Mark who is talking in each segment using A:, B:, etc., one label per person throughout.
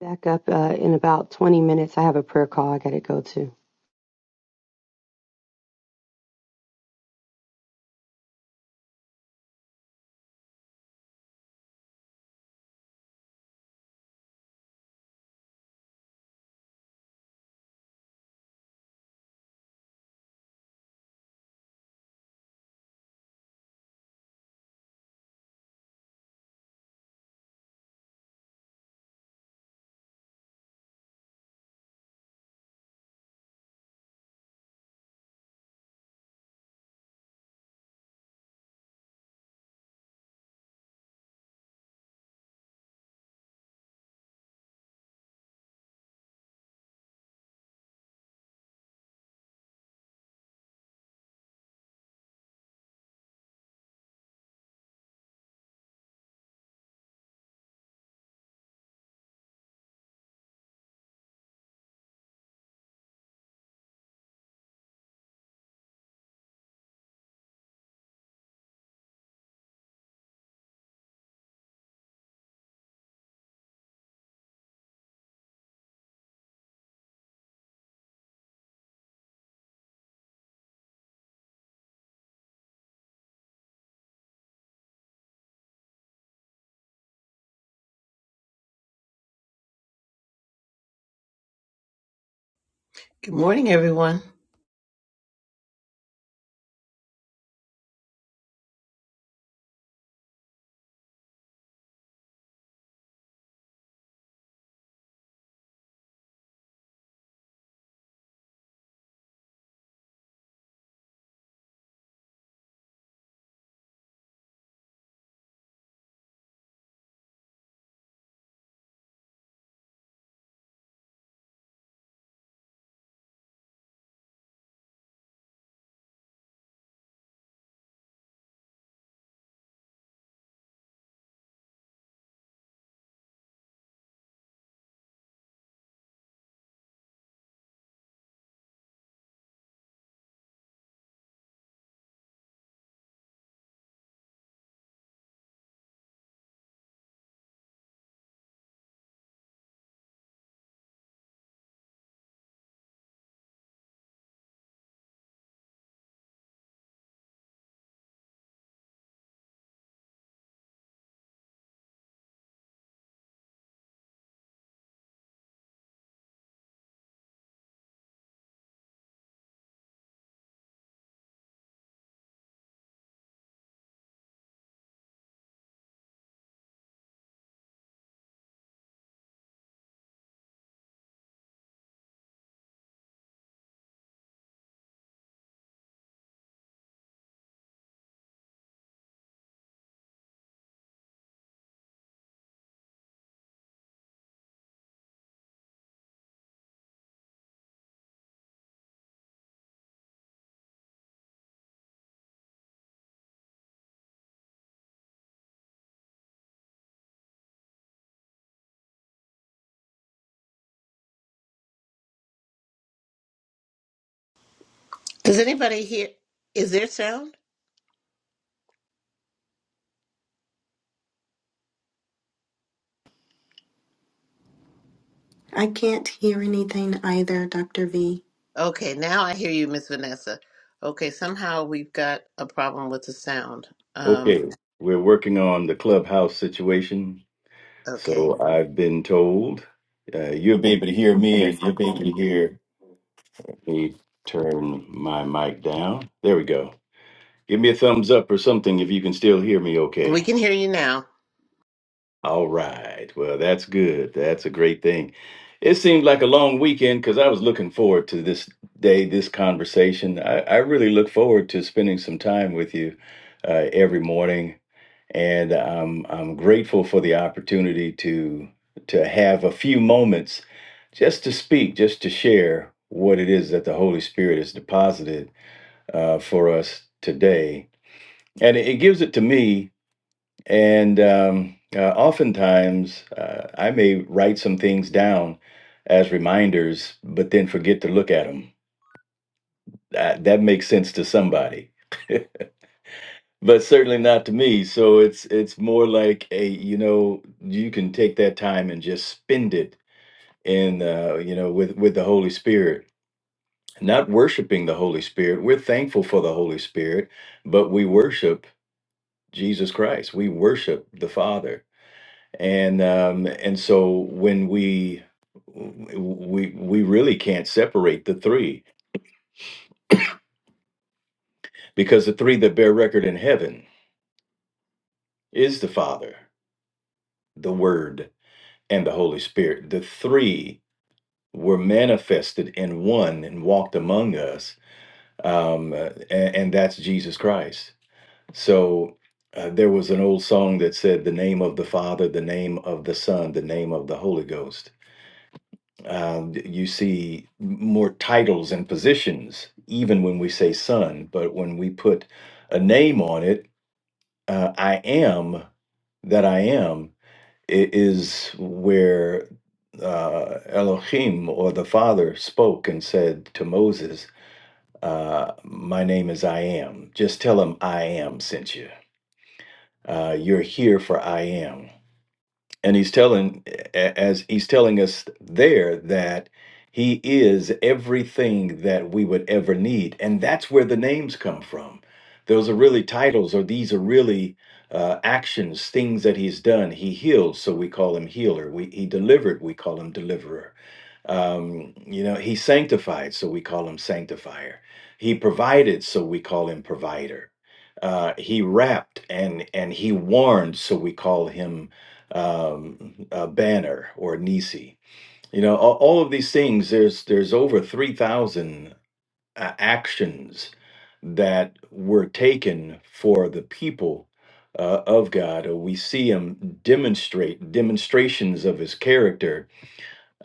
A: Back up uh, in about 20 minutes. I have a prayer call I got to go to.
B: Good morning, everyone. Does anybody hear? Is there sound?
C: I can't hear anything either, Dr. V.
B: Okay, now I hear you, Miss Vanessa. Okay, somehow we've got a problem with the sound. Um,
D: Okay, we're working on the clubhouse situation.
B: okay,
D: So I've been told uh, you'll be able to hear me and you'll be able to hear me turn my mic down. There we go. Give me a thumbs up or something if you can still hear me
B: we
D: okay.
B: can hear you now.
D: All right. Well, that's good. That's a great thing. It seemed like a long weekend because I was looking forward to this day, this conversation. I, I really look forward to spending some time with you uh, every morning and I'm I'm grateful for the opportunity to to have a few moments just to speak, just to share what it is that the Holy Spirit has deposited uh, for us today, and it, it gives it to me. And um, uh, oftentimes, uh, I may write some things down as reminders, but then forget to look at them. That, that makes sense to somebody but certainly not to me. So it's it's more like a you know you can take that time and just spend it in uh, you know with with the Holy Spirit. Not worshiping the Holy Spirit, we're thankful for the Holy Spirit, but we worship Jesus Christ. We worship the Father, and um, and so when we we we really can't separate the three because the three that bear record in heaven is the Father, the Word, and the Holy Spirit. The three were manifested in one and walked among us, um, uh, and, and that's Jesus Christ. So uh, there was an old song that said, "The name of the Father, the name of the Son, the name of the Holy Ghost." Um, you see more titles and positions even when we say Son, but when we put a name on it, uh, I am that I am i- Is where uh, Elohim or the Father spoke and said to Moses, uh, My name is I am. Just tell him I am sent you. Uh, you're here for I am and he's telling a- as he's telling us there that he is everything that we would ever need and that's where the names come from those are really titles or these are really uh, actions things that he's done he healed, so we call him healer we, he delivered we call him deliverer um, you know he sanctified so we call him sanctifier he provided so we call him provider uh, he rapped and and he warned so we call him um, uh, Banner or Nisi. You know, all, all of these things. There's there's over three thousand uh, actions that were taken for the people uh, of God. Or we see Him demonstrate demonstrations of His character,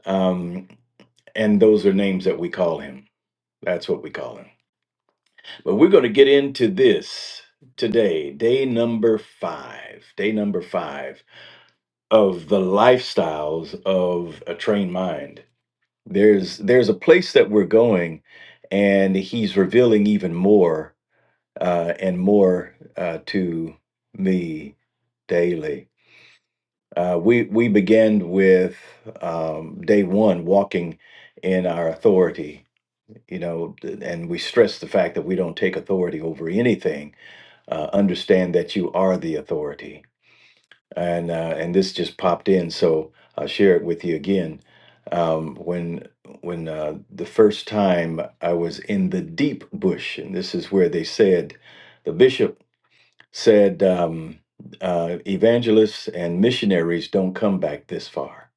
D: um, and those are names that we call Him. That's what we call Him. But we're going to get into this today, day number five. Day number five of the lifestyles of a trained mind. There's there's a place that we're going, and he's revealing even more uh, and more uh, to me daily. Uh, we we began with um, day one walking in our authority, you know, th- and we stress the fact that we don't take authority over anything. Uh, understand that you are the authority and uh, and this just popped in, so I'll share it with you again. Um, when when uh, the first time I was in the deep bush, and this is where they said, the bishop said, um, uh, evangelists and missionaries don't come back this far.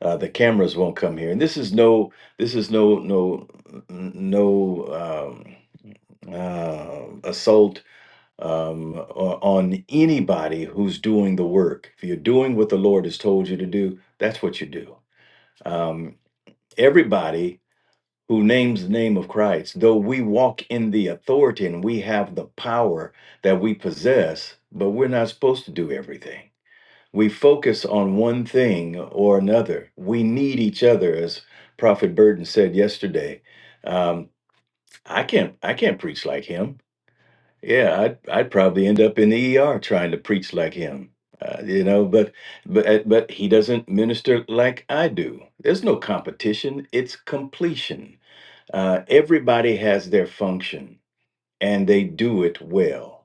D: Uh, the cameras won't come here, and this is no, this is no, no, no um, uh, assault um, o- on anybody who's doing the work. If you're doing what the Lord has told you to do, that's what you do. Um, everybody who names the name of Christ, though we walk in the authority and we have the power that we possess, but we're not supposed to do everything. We focus on one thing or another. We need each other, as Prophet Burton said yesterday. Um, I can't, I can't preach like him. Yeah, I'd I'd probably end up in the ER trying to preach like him. Uh, you know, but but uh, but he doesn't minister like I do. There's no competition, it's completion. Uh, everybody has their function and they do it well.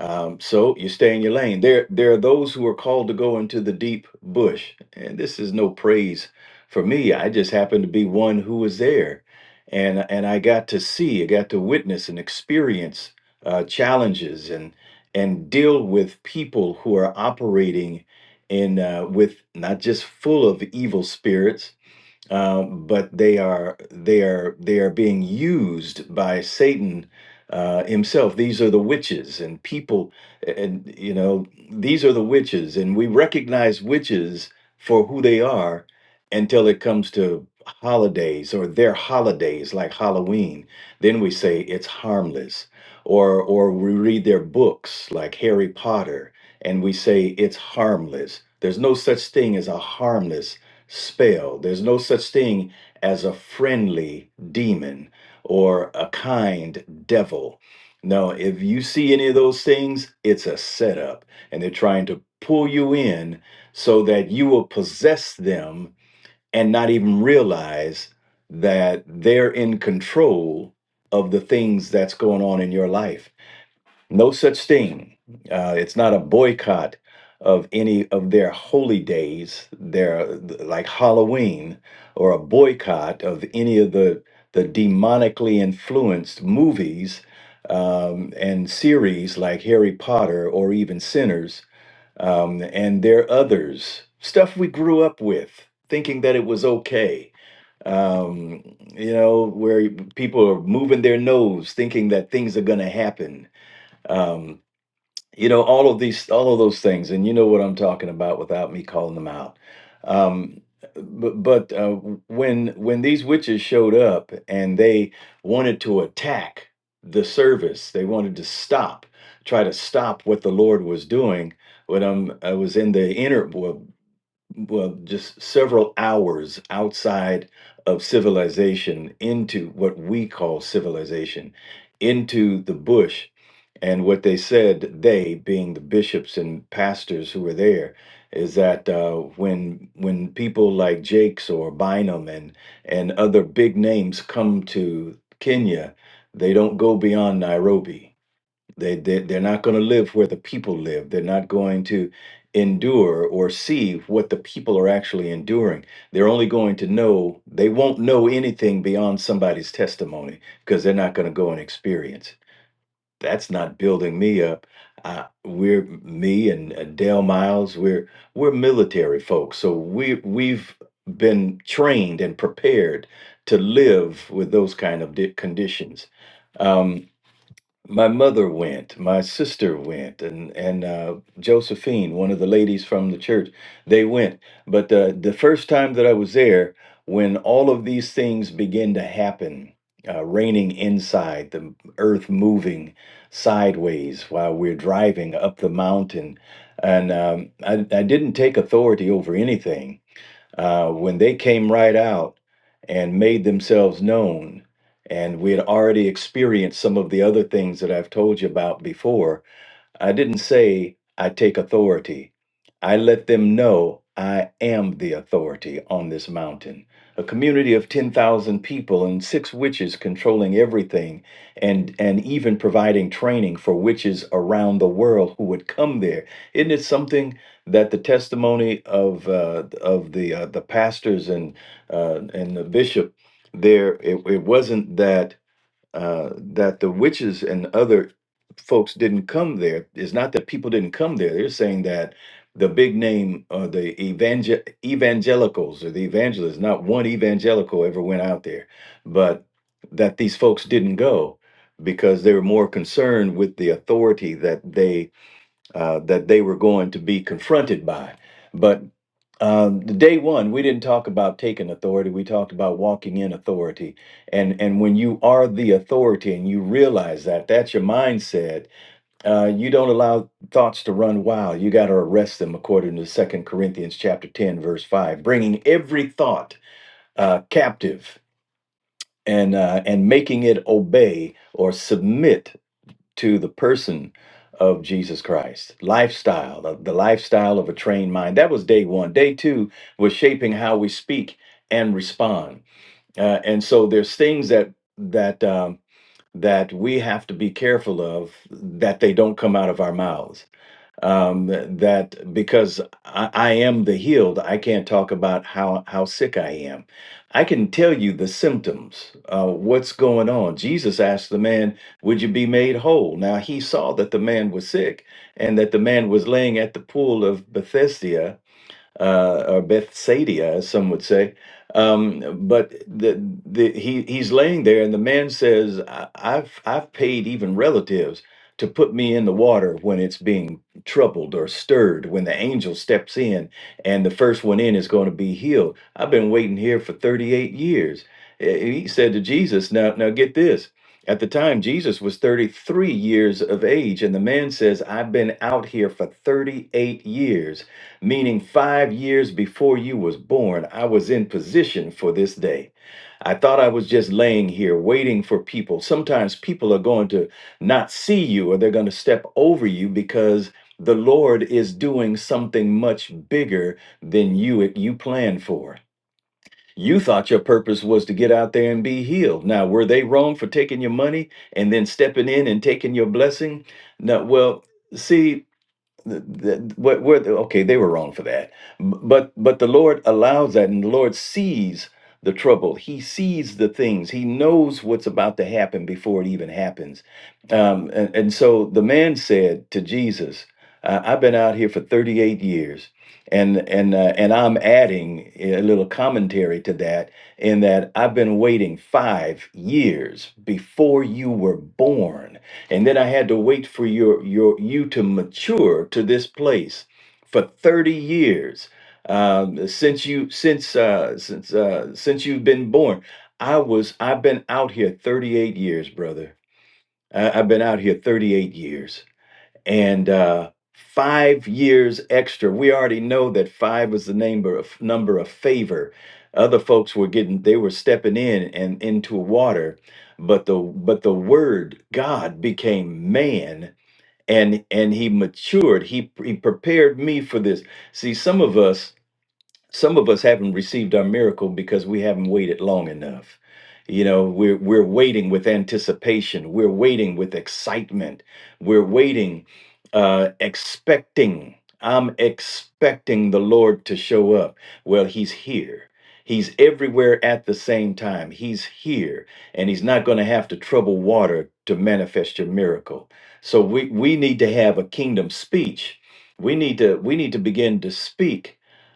D: Um, so you stay in your lane. There, there are those who are called to go into the deep bush, and this is no praise for me. I just happened to be one who was there, and and I got to see, I got to witness and experience uh, challenges and and deal with people who are operating in uh, with not just full of evil spirits, um, but they are they are they are being used by Satan uh, himself. These are the witches and people, and you know these are the witches, and we recognize witches for who they are until it comes to holidays or their holidays like Halloween. Then we say it's harmless, or or we read their books like Harry Potter, and we say it's harmless. There's no such thing as a harmless spell. There's no such thing as a friendly demon or a kind devil. No, if you see any of those things, it's a setup, and they're trying to pull you in so that you will possess them and not even realize that they're in control of the things that's going on in your life no such thing. Uh, it's not a boycott of any of their holy days, their like Halloween, or a boycott of any of the the demonically influenced movies um, and series like Harry Potter or even Sinners, um, and their others stuff we grew up with, thinking that it was okay. Um, you know, where people are moving their nose, thinking that things are going to happen Um, you know all of these all of those things and you know what i'm talking about without me calling them out um but, but uh, when when these witches showed up and they wanted to attack the service they wanted to stop try to stop what the lord was doing when I'm, i was in the inner well, well, just several hours outside of civilization into what we call civilization, into the bush. And what they said, they being the bishops and pastors who were there, is that uh, when when people like Jakes or Bynum and and other big names come to Kenya, they don't go beyond Nairobi they, they they're not going to live where the people live. They're not going to endure or see what the people are actually enduring. They're only going to know they won't know anything beyond somebody's testimony because they're not going to go and experience. it. That's not building me up. I, we're me and uh, Dale Miles. We're we're military folks, so we we've been trained and prepared to live with those kind of di- conditions. Um, my mother went, my sister went, and and uh, Josephine, one of the ladies from the church, they went. But uh, the first time that I was there, when all of these things began to happen, uh, raining inside, the earth moving sideways while we're driving up the mountain, and um, I, I didn't take authority over anything uh, when they came right out and made themselves known, and we had already experienced some of the other things that I've told you about before, I didn't say I take authority. I let them know I am the authority on this mountain. A community of 10,000 people and six witches controlling everything and, and even providing training for witches around the world who would come there. Isn't it something that the testimony of, uh, of the, uh, the pastors and, uh, and the bishop there, it, it wasn't that uh, that the witches and other folks didn't come there is not that people didn't come there. They're saying that the big name, uh, the evangel- evangelicals or the evangelists, not one evangelical ever went out there, but that these folks didn't go because they were more concerned with the authority that they uh, that they were going to be confronted by. But um, the day one, we didn't talk about taking authority. We talked about walking in authority. And and when you are the authority and you realize that, that's your mindset. Uh, you don't allow thoughts to run wild. You got to arrest them, according to Second Corinthians chapter ten, verse five, bringing every thought uh, captive and uh, and making it obey or submit to the person of Jesus Christ. Lifestyle, the, the lifestyle of a trained mind. That was day one. Day two was shaping how we speak and respond. Uh, and so there's things that that um, that we have to be careful of that they don't come out of our mouths um, that because I, I am the healed, I can't talk about how how sick I am. I can tell you the symptoms, uh, what's going on. Jesus asked the man, "Would you be made whole?" Now he saw that the man was sick and that the man was laying at the pool of Bethesda uh, or Bethsaida, as some would say. Um, but the, the, he, he's laying there, and the man says, "I- I've, I've paid even relatives to put me in the water when it's being troubled or stirred, when the angel steps in and the first one in is going to be healed. I've been waiting here for 38 years. Eh, eh, He said to Jesus, Now, now get this. At the time, Jesus was 33 years of age, and the man says, I've been out here for 38 years meaning five years before you was born, I was in position for this day. I thought I was just laying here waiting for people. Sometimes people are going to not see you or they're going to step over you because the Lord is doing something much bigger than you you planned for. You thought your purpose was to get out there and be healed. Now, were they wrong for taking your money and then stepping in and taking your blessing? No, well, see, the, the, what, where, the- okay, they were wrong for that. B- But but the Lord allows that, and the Lord sees the trouble. He sees the things. He knows what's about to happen before it even happens. Um, and, and so the man said to Jesus, uh, "I've been out here for 38 years and and uh, and I'm adding a little commentary to that in that I've been waiting 5 years before you were born and then I had to wait for your your you to mature to this place for 30 years um, since you since uh, since uh, since you've been born I was I've been out here 38 years brother I, I've been out here 38 years and uh, five years extra. We already know that five was the number of number of favor. Other folks were getting they were stepping in and into water, but the but the word God became man and and he matured. He he prepared me for this. See, some of us some of us haven't received our miracle because we haven't waited long enough you know we're we're waiting with anticipation we're waiting with excitement we're waiting uh expecting i'm expecting the lord to show up well he's here he's everywhere at the same time he's here and he's not going to have to trouble water to manifest your miracle so we we need to have a kingdom speech we need to we need to begin to speak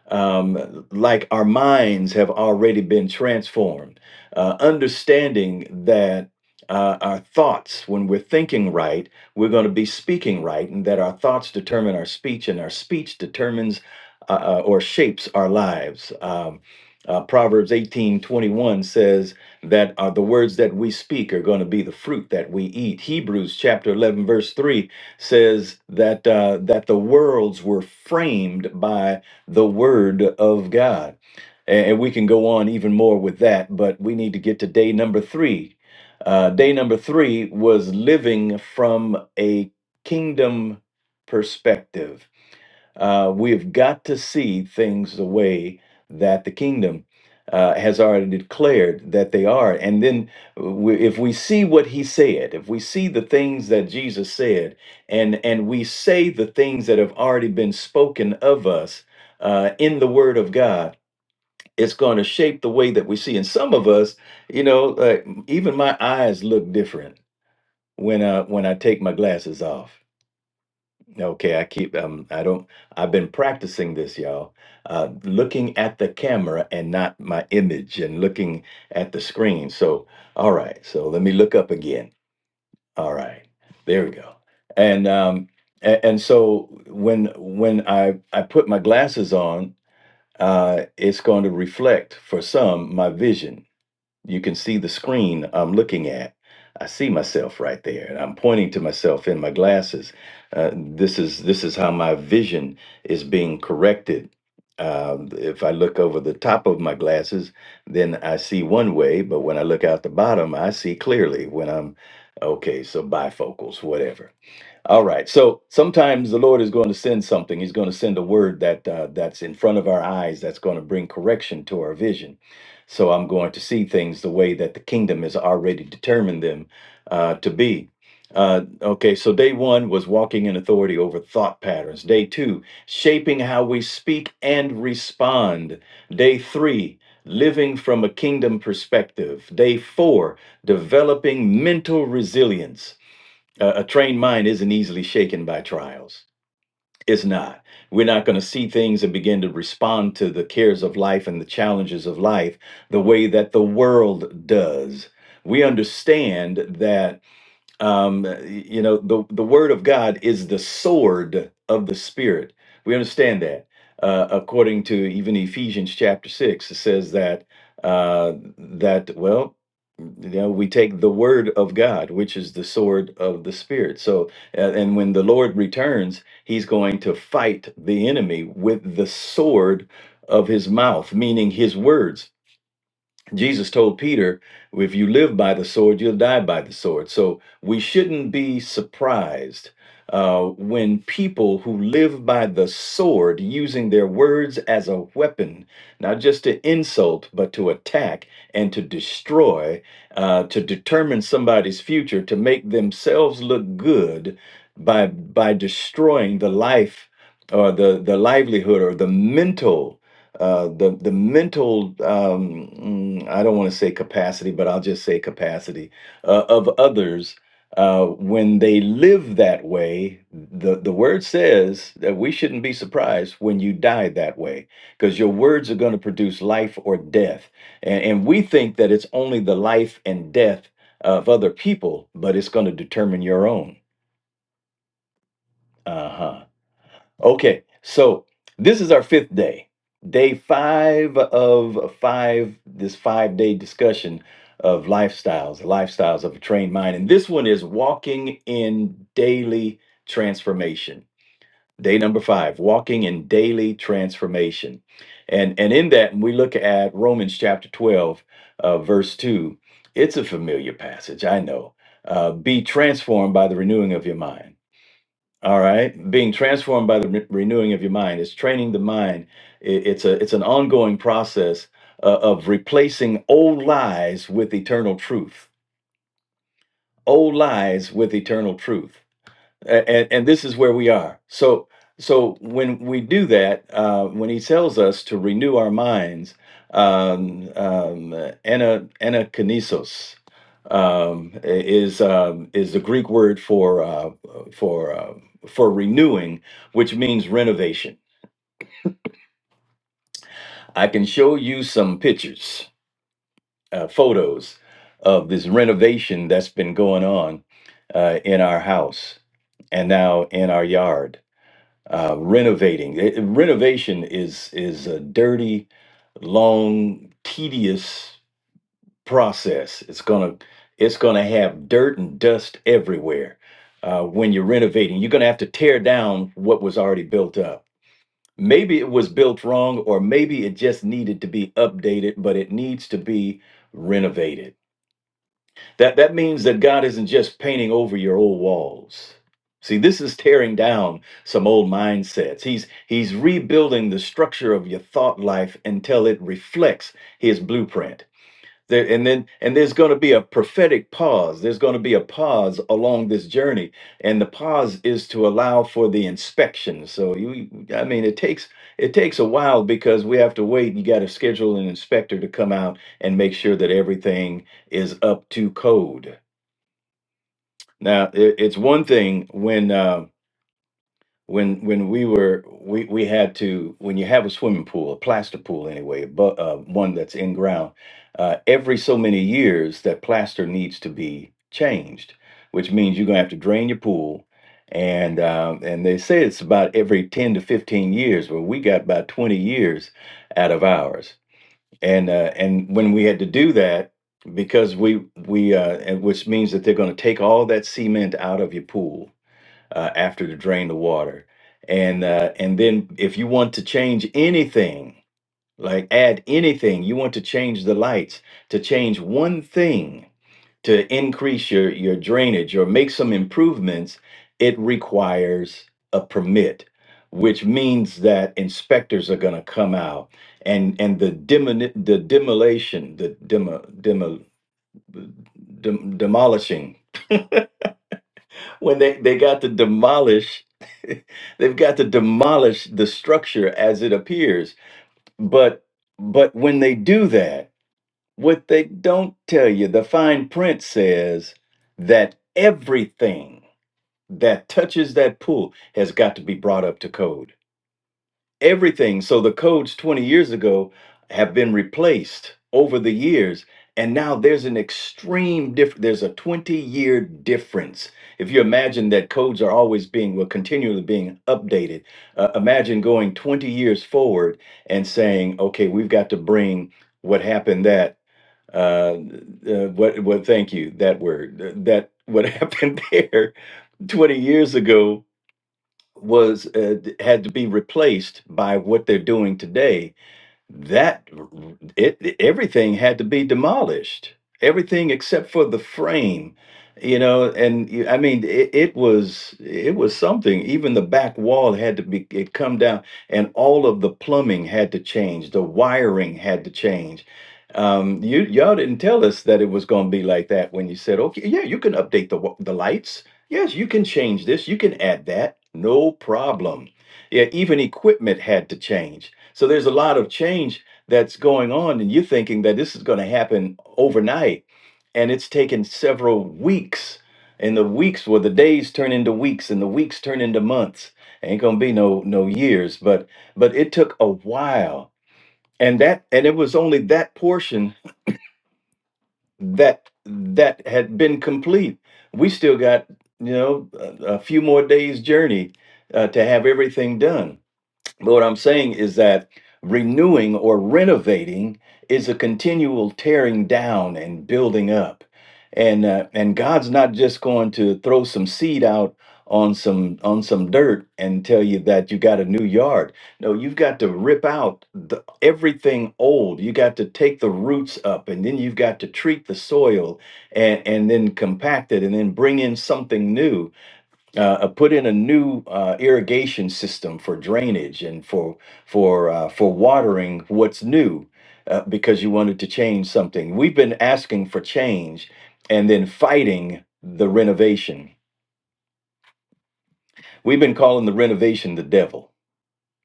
D: um, like our minds have already been transformed. Uh, understanding that uh, our thoughts, when we're thinking right, we're going to be speaking right, and that our thoughts determine our speech, and our speech determines uh, uh, or shapes our lives. Um, uh, Proverbs eighteen twenty one says that uh, the words that we speak are going to be the fruit that we eat. Hebrews chapter 11, verse 3 says that, uh, that the worlds were framed by the Word of God. And we can go on even more with that, but we need to get to day number three. Uh, day number three was living from a kingdom perspective uh, we've got to see things the way that the kingdom uh, has already declared that they are. And then, uh, we, if we see what he said, if we see the things that Jesus said, and and we say the things that have already been spoken of us uh, in the Word of God, it's going to shape the way that we see. And some of us, you know, uh, even my eyes look different when I when I take my glasses off Okay, I keep um I don't I've been practicing this, y'all. Uh looking at the camera and not my image and looking at the screen. So, all right. So, let me look up again. All right. There we go. And um and, and so when when I I put my glasses on, uh it's going to reflect for some my vision you can see the screen I'm looking at. I see myself right there, and I'm pointing to myself in my glasses. Uh, this is this is how my vision is being corrected. Um, if I look over the top of my glasses, then I see one way, but when I look out the bottom, I see clearly. When I'm okay, so bifocals, whatever all right. So sometimes the Lord is going to send something. He's going to send a word that uh, that's in front of our eyes that's going to bring correction to our vision. So I'm going to see things the way that the kingdom has already determined them uh, to be. Uh, okay, so day one was walking in authority over thought patterns. Day two, shaping how we speak and respond. Day three, living from a kingdom perspective. Day four, developing mental resilience. A, a trained mind isn't easily shaken by trials. It's not. We're not going to see things and begin to respond to the cares of life and the challenges of life the way that the world does. We understand that um, you know the the word of God is the sword of the spirit. We understand that. Uh, according to even Ephesians chapter six, it says that uh, that well, you know, we take the word of God, which is the sword of the spirit. So, uh, and when the Lord returns, He's going to fight the enemy with the sword of His mouth, meaning His words Jesus told Peter, if you live by the sword, you'll die by the sword. So we shouldn't be surprised uh, when people who live by the sword, using their words as a weapon, not just to insult, but to attack and to destroy, uh, to determine somebody's future, to make themselves look good by, by destroying the life or the, the livelihood or the mental uh, the the mental um, mm, I don't want to say capacity, but I'll just say capacity uh, of others uh, when they live that way. The the word says that we shouldn't be surprised when you die that way, because your words are going to produce life or death, and, and we think that it's only the life and death of other people, but it's going to determine your own. Uh huh. Okay, so this is our fifth day, day five of five, this five day discussion of lifestyles, the lifestyles of a trained mind. And this one is walking in daily transformation. Day number five, walking in daily transformation. And, and in that, when we look at Romans chapter 12, uh, verse 2, it's a familiar passage, I know. Uh, Be transformed by the renewing of your mind all right, being transformed by the re- renewing of your mind It's training the mind. I- It's a it's an ongoing process uh, of replacing old lies with eternal truth. Old lies with eternal truth, A- and and this is where we are. So so when we do that, uh, when he tells us to renew our minds, um, um, ana- anaknesos, um, is um, is the Greek word for uh, for uh, for renewing, which means renovation. I can show you some pictures, uh, photos of this renovation that's been going on uh, in our house and now in our yard. Uh, renovating It- it- renovation is is a dirty, long, tedious. process. It's gonna it's gonna have dirt and dust everywhere uh, when you're renovating. You're gonna have to tear down what was already built up. Maybe it was built wrong, or maybe it just needed to be updated, but it needs to be renovated. That that means that God isn't just painting over your old walls. See, this is tearing down some old mindsets. He's he's rebuilding the structure of your thought life until it reflects his blueprint. There, and then and there's going to be a prophetic pause. There's going to be a pause along this journey, and the pause is to allow for the inspection. So you, I mean, it takes it takes a while because we have to wait. You got to schedule an inspector to come out and make sure that everything is up to code. Now, it, it's one thing when. Uh, when when we were we we had to when you have a swimming pool a plaster pool anyway but uh, one that's in ground uh, every so many years that plaster needs to be changed which means you're gonna have to drain your pool and um, and they say it's about every 10 to 15 years but we got about 20 years out of ours and uh, and when we had to do that because we we uh, and which means that they're going to take all that cement out of your pool uh, after to drain the water. And uh, and then if you want to change anything, like add anything, you want to change the lights, to change one thing to increase your your drainage or make some improvements, it requires a permit, which means that inspectors are going to come out and and the demoni- the demolition, the demo, demo, dem, demolishing when they, they got to demolish they've got to demolish the structure as it appears but but when they do that what they don't tell you the fine print says that everything that touches that pool has got to be brought up to code everything. So the codes 20 years ago have been replaced over the years. And now there's an extreme diff there's a 20 year difference. If you imagine that codes are always being, well, continually being updated, uh, imagine going 20 years forward and saying, okay, we've got to bring what happened that, uh, uh, what, what, thank you, that word, th- that what happened there 20 years ago was uh, had to be replaced by what they're doing today that it everything had to be demolished everything except for the frame you know and you- i mean it, it was it was something even the back wall had to be it come down and all of the plumbing had to change the wiring had to change um you y'all didn't tell us that it was going to be like that when you said okay yeah you can update the wa- the lights yes you can change this you can add that no problem yeah even equipment had to change so there's a lot of change that's going on, and you're thinking that this is going to happen overnight, and it's taken several weeks. And the weeks, well, the days turn into weeks, and the weeks turn into months. Ain't gonna be no no years, but but it took a while, and that and it was only that portion that that had been complete. We still got you know a, a few more days journey uh, to have everything done but what I'm saying is that renewing or renovating is a continual tearing down and building up. And uh, and God's not just going to throw some seed out on some on some dirt and tell you that you got a new yard. No, you've got to rip out the, everything old. You got to take the roots up, and then you've got to treat the soil and and then compact it, and then bring in something new uh, uh, put in a new uh, irrigation system for drainage and for for uh, for watering what's new uh, because you wanted to change something. We've been asking for change and then fighting the renovation. We've been calling the renovation the devil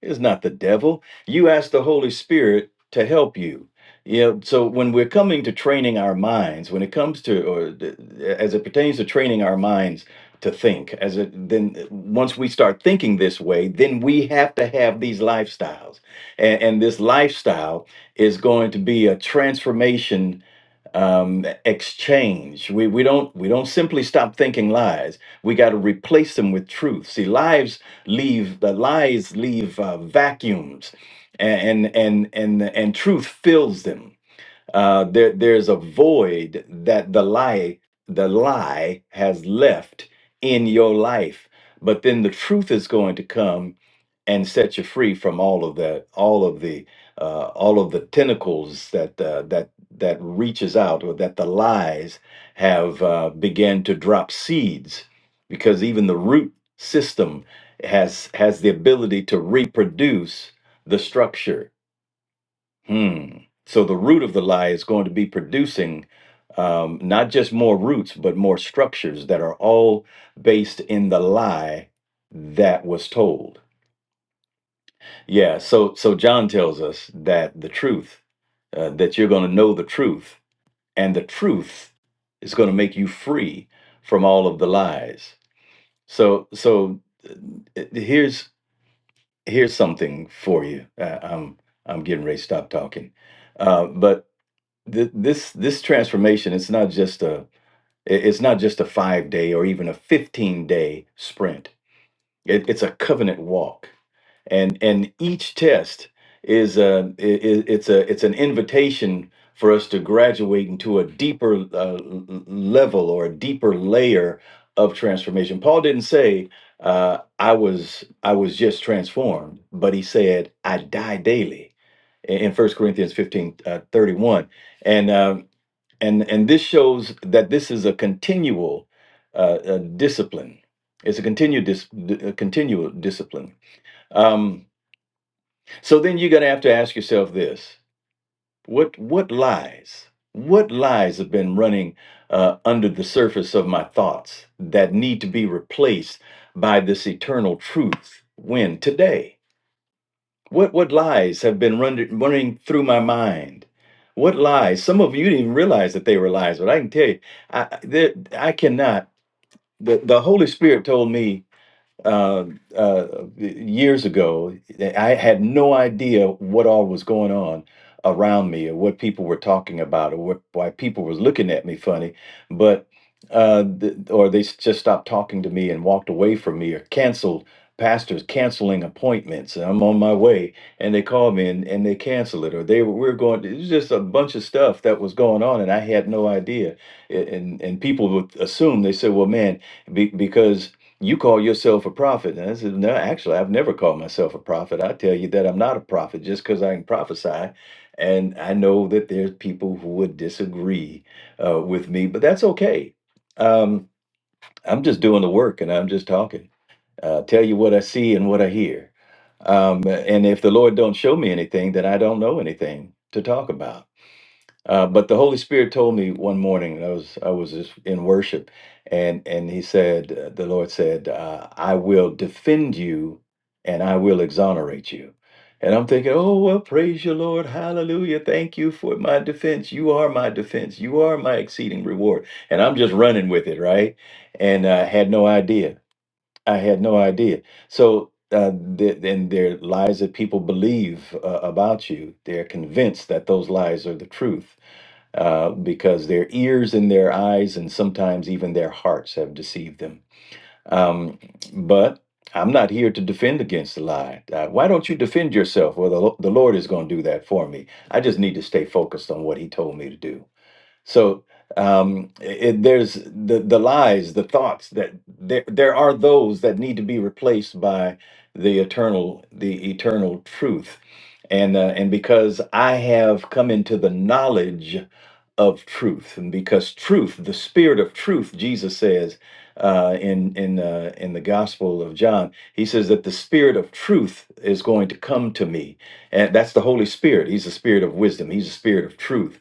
D: it's not the devil. You ask the Holy Spirit to help you. You know, so when we're coming to training our minds, when it comes to, or th- as it pertains to training our minds to think, as it then uh, once we start thinking this way, then we have to have these lifestyles, and, and this lifestyle is going to be a transformation um, exchange. We we don't we don't simply stop thinking lies. We got to replace them with truth. See, lies leave the lies leave uh, vacuums, and and and and truth fills them. Uh, there there's a void that the lie the lie has left in your life, but then the truth is going to come and set you free from all of that, all of the, uh, all of the tentacles that uh, that that reaches out, or that the lies have uh, began to drop seeds, because even the root system has has the ability to reproduce the structure. Hmm. So the root of the lie is going to be producing um, not just more roots, but more structures that are all based in the lie that was told. Yeah, so so John tells us that the truth, uh, that you're going to know the truth, and the truth is going to make you free from all of the lies. So so uh, uh, here's here's something for you. Uh, I'm I'm getting ready to stop talking, uh, but th- this this transformation it's not just a it- it's not just a five day or even a 15 day sprint. It, it's a covenant walk and and each test is a is, it's a it's an invitation for us to graduate into a deeper uh, l- l- level or a deeper layer of transformation. Paul didn't say uh, I was I was just transformed, but he said I die daily in in 1 Corinthians 15 uh, 31. And, uh, and, and this shows that this is a continual uh, uh, discipline. It's a continued, dis- d- a continual discipline. Um, so then you're going to have to ask yourself this: what what lies, what lies have been running uh, under the surface of my thoughts that need to be replaced by this eternal truth? When today, what what lies have been running running through my mind? What lies? Some of you didn't even realize that they were lies, but I can tell you, I I- there, I cannot. The, the Holy Spirit told me uh, uh, years ago, I had no idea what all was going on around me or what people were talking about or what, why people were looking at me funny, but uh, th- or they s- just stopped talking to me and walked away from me or canceled pastors canceling appointments and I'm on my way and they call me and, and they cancel it or they were, we're going it was just a bunch of stuff that was going on and I had no idea A- and and people would assume they said well man be, because you call yourself a prophet. And I said, No, actually, I've never called myself a prophet. I tell you that I'm not a prophet just because I can prophesy. And I know that there's people who would disagree uh, with me, but that's okay. Um, I'm just doing the work and I'm just talking. Uh, tell you what I see and what I hear. Um, and if the Lord don't show me anything, then I don't know anything to talk about. Uh, but the Holy Spirit told me one morning, I was I was just in worship, and and he said, uh, the Lord said, uh, I will defend you, and I will exonerate you. And I'm thinking, oh well, praise you, Lord, hallelujah, thank you for my defense. You are my defense. You are my exceeding reward. And I'm just running with it, right? And I had no idea. I had no idea. So. Uh, th- and there are lies that people believe uh, about you. They're convinced that those lies are the truth uh, because their ears and their eyes and sometimes even their hearts have deceived them. Um, but I'm not here to defend against the lie. Uh, why don't you defend yourself? Well, the, Lo- the Lord is going to do that for me. I just need to stay focused on what He told me to do. So um, it, there's the the lies, the thoughts that there there are those that need to be replaced by the eternal the eternal truth, and uh, and because I have come into the knowledge of truth, and because truth, the spirit of truth, Jesus says uh, in in uh, in the Gospel of John, he says that the spirit of truth is going to come to me, and that's the Holy Spirit. He's the spirit of wisdom. He's the spirit of truth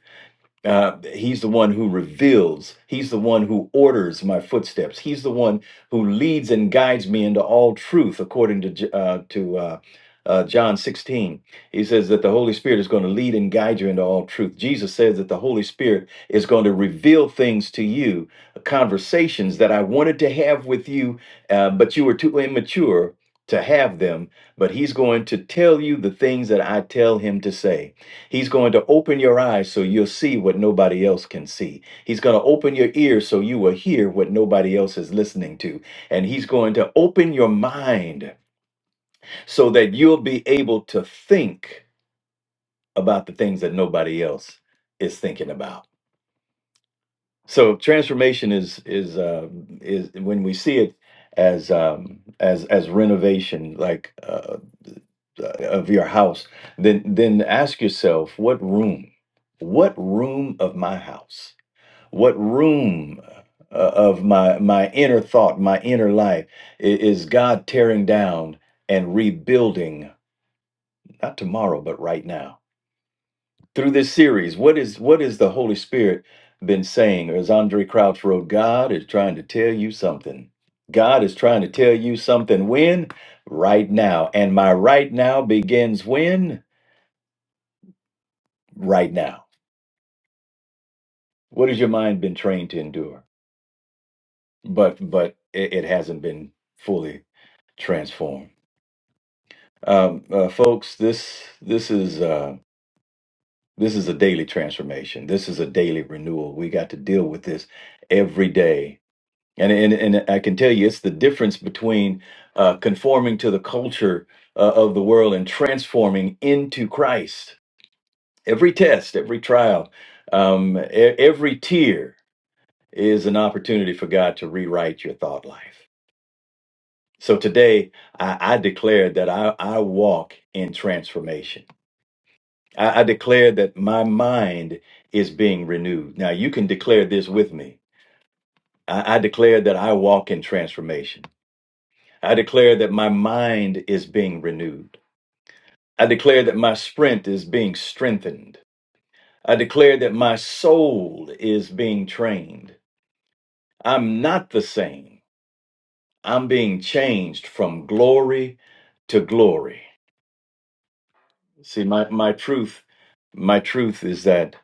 D: uh, he's the one who reveals. He's the one who orders my footsteps. He's the one who leads and guides me into all truth, according to J- uh, to uh, uh, John 16. He says that the Holy Spirit is going to lead and guide you into all truth. Jesus says that the Holy Spirit is going to reveal things to you, conversations that I wanted to have with you, uh, but you were too immature to have them. But He's going to tell you the things that I tell Him to say He's going to open your eyes so you'll see what nobody else can see. He's going to open your ears so you will hear what nobody else is listening to. And he's going to open your mind so that you'll be able to think about the things that nobody else is thinking about. So transformation is is uh, is when we see it as um, as as renovation like uh, of your house, then then ask yourself what room, what room of my house What room uh, of my my inner thought, my inner life i- is God tearing down and rebuilding not tomorrow but right now. Through this series, what is what is the Holy Spirit been saying? Or as Andre Crouch wrote, God is trying to tell you something. God is trying to tell you something when? Right now. And my right now begins when? Right now. What has your mind been trained to endure? But but it, it hasn't been fully transformed. Um, uh, folks, this this is uh, this is a daily transformation. This is a daily renewal. We got to deal with this every day, and and and I can tell you, it's the difference between uh, conforming to the culture uh, of the world and transforming into Christ. Every test, every trial, um, e- every tear is an opportunity for God to rewrite your thought life. So today, I, I declare that I, I walk in transformation. I, I declare that my mind is being renewed. Now, you can declare this with me. I, I declare that I walk in transformation. I declare that my mind is being renewed. I declare that my sprint is being strengthened. I declare that my soul is being trained. I'm not the same. I'm being changed from glory to glory. See, my, my truth, my truth is that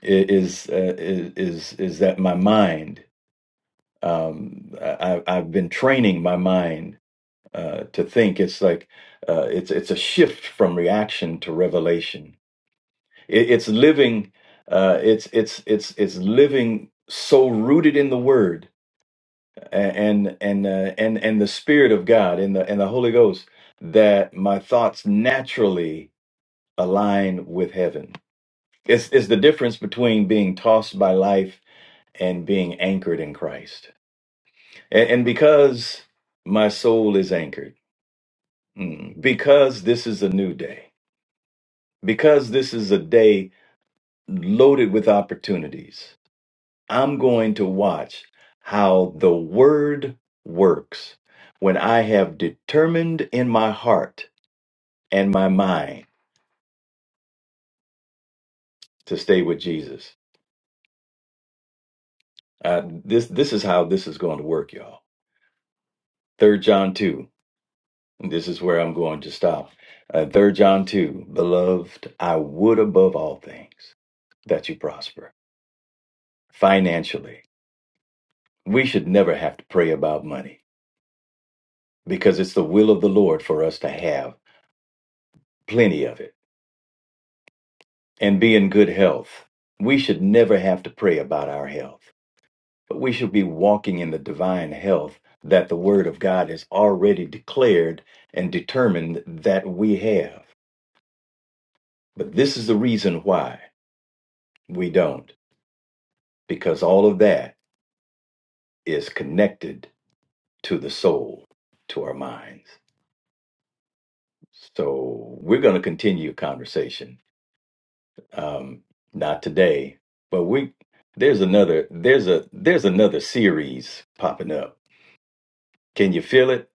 D: is, uh, is, is, is that my mind um, I, I've been training my mind uh, to think. It's like uh, it's it's a shift from reaction to revelation. It, it's living. Uh, it's it's it's it's living so rooted in the Word and and uh, and and the Spirit of God and the and the Holy Ghost that my thoughts naturally align with heaven. It's it's the difference between being tossed by life and being anchored in Christ And, and because my soul is anchored, mm, because this is a new day, because this is a day loaded with opportunities, I'm going to watch how the word works when I have determined in my heart and my mind to stay with Jesus. Uh, this this is how this is going to work, y'all. Third John two. This is where I'm going to stop. Uh, 3 John 2 Beloved, I would above all things that you prosper financially. We should never have to pray about money because it's the will of the Lord for us to have plenty of it and be in good health. We should never have to pray about our health, but we should be walking in the divine health that the Word of God has already declared and determined that we have. But this is the reason why we don't. because all of that is connected to the soul, to our minds. So we're going to continue conversation. Um, not today, but we there's another there's a there's another series popping up. Can you feel it?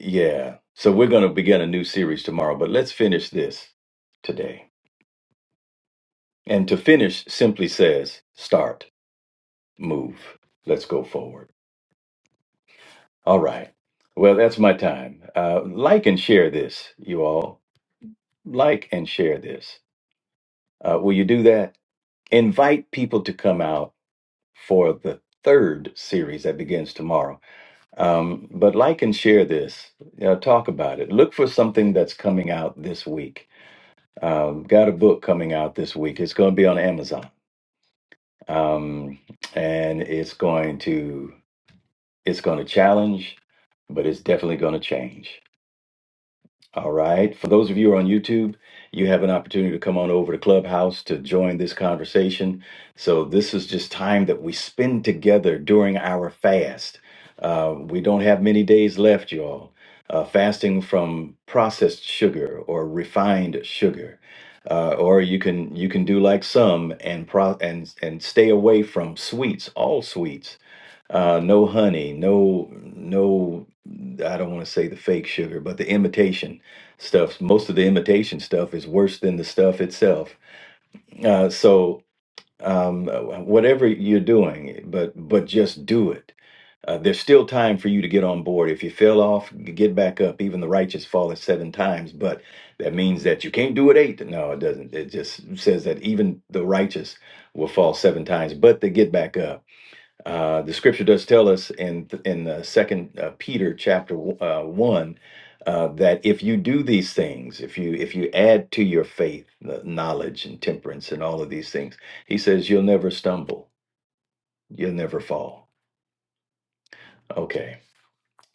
D: Yeah. So we're going to begin a new series tomorrow, but let's finish this today. And to finish simply says start, move. Let's go forward. All right. Well, that's my time. Uh, like and share this, you all. like and share this. Uh, will you do that? Invite people to come out for the third series that begins tomorrow. Um, but like and share this. You know, talk about it. Look for something that's coming out this week. Um, got a book coming out this week. It's going to be on Amazon, um, and it's going to it's going to challenge, but it's definitely going to change. All right. For those of you who are on YouTube, you have an opportunity to come on over to Clubhouse to join this conversation. So, this is just time that we spend together during our fast. Uh, we don't have many days left, y'all. Uh, fasting from processed sugar or refined sugar, uh, or you can you can do like some and pro and and stay away from sweets, all sweets uh, no honey, no no. I don't want to say the fake sugar, but the imitation stuff. Most of the imitation stuff is worse than the stuff itself. Uh, so um, whatever you're doing, but but just do it. Uh, there's still time for you to get on board. If you fell off, get back up. Even the righteous falleth seven times, but that means that you can't do it eight. No, it doesn't. It just says that even the righteous will fall seven times, but they get back up. Uh, the scripture does tell us in in uh, Second uh, Peter chapter uh, one uh, that if you do these things, if you if you add to your faith the knowledge and temperance and all of these things, he says you'll never stumble, you'll never fall. Okay,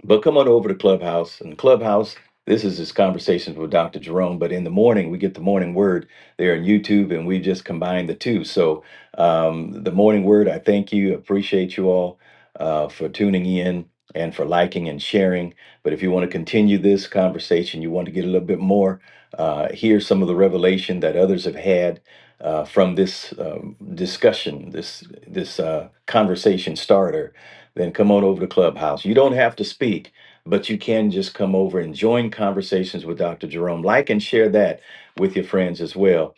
D: but come on over to Clubhouse. And Clubhouse, this is just conversations with Dr. Jerome. But in the morning, we get the morning word there on YouTube, and we just combine the two. So um, the morning word, I thank you, appreciate you all uh, for tuning in and for liking and sharing. But if you want to continue this conversation, you want to get a little bit more, uh, hear some of the revelation that others have had. Uh, from this um, discussion, this this uh, conversation starter, then come on over to Clubhouse. You don't have to speak, but you can just come over and join conversations with Dr. Jerome. Like and share that with your friends as well.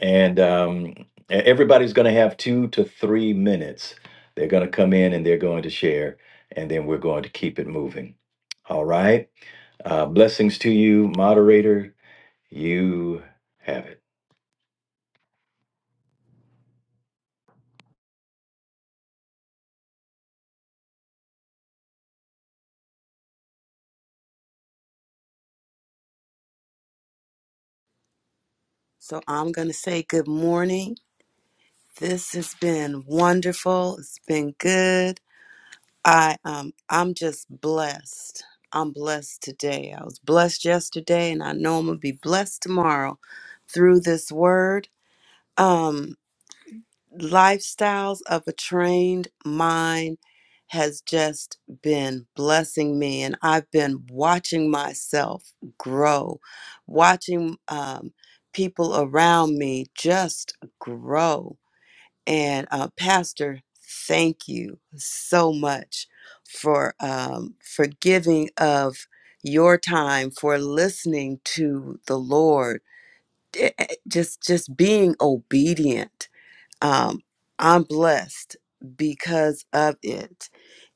D: And um, e- everybody's going to have two to three minutes. They're going to come in and they're going to share, and then we're going to keep it moving. All right. Uh, blessings to you, moderator. You have it.
E: So I'm going to say good morning. This has been wonderful. It's been good. I um I'm just blessed. I'm blessed today. I was blessed yesterday and I know I'm going to be blessed tomorrow through this word. Um lifestyles of a trained mind has just been blessing me and i've been watching myself grow watching um, people around me just grow and uh, pastor thank you so much for um, for giving of your time for listening to the lord Eh, eh, just just being obedient um, I'm blessed because of it.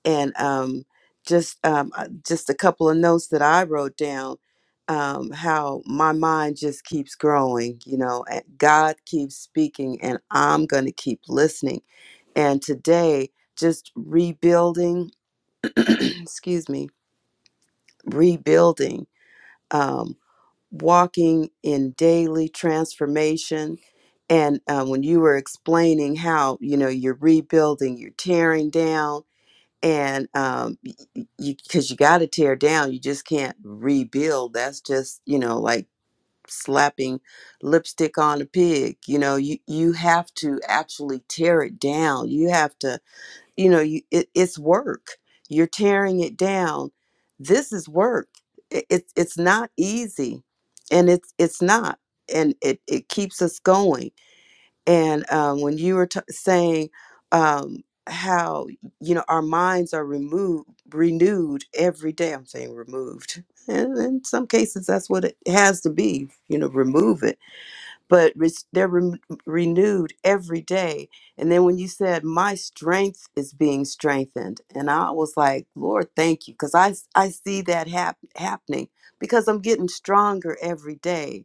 E: And um, just um, uh, just a couple of notes that I wrote down. Um, how my mind just keeps growing, you know, and God keeps speaking, and I'm going to keep listening. And today, just rebuilding, excuse me, rebuilding. um, walking in daily transformation. And uh, when you were explaining how, you know, you're rebuilding, you're tearing down, and um, y- y- you, because you got to tear down, you just can't rebuild. That's just, you know, like slapping lipstick on a pig. You know, you, you have to actually tear it down. You have to you know you it, it's work you're tearing it down this is work it, it's it's not easy and it's it's not and it, it keeps us going and um, when you were t- saying um, how you know our minds are removed renewed every day i'm saying removed and in some cases that's what it has to be you know remove it but res- they're re- renewed every day. And then when you said, My strength is being strengthened, and I was like, Lord, thank you, because I I see that hap- happening because I'm getting stronger every day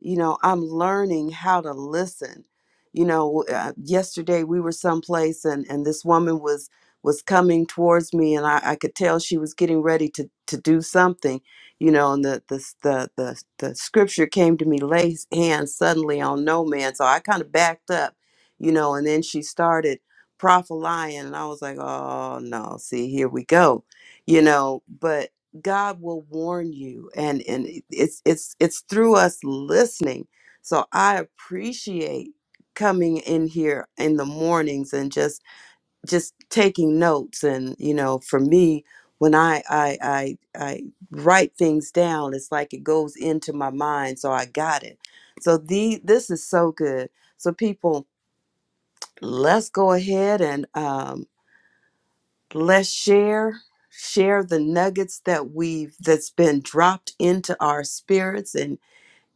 E: you know i'm learning how to listen you know uh, yesterday we were someplace and and this woman was was coming towards me and i, I could tell she was getting ready to to do something you know and the the the the, the scripture came to me lay his hands suddenly on no man so i kind of backed up you know and then she started prophesying and i was like oh no see here we go you know but God will warn you, and and it's it's it's through us listening. So I appreciate coming in here in the mornings and just just taking notes. And you know, for me, when I I I, I write things down, it's like it goes into my mind. So I got it. So the this is so good. So people, let's go ahead and. um, let's share share the nuggets that we've that's been dropped into our spirits and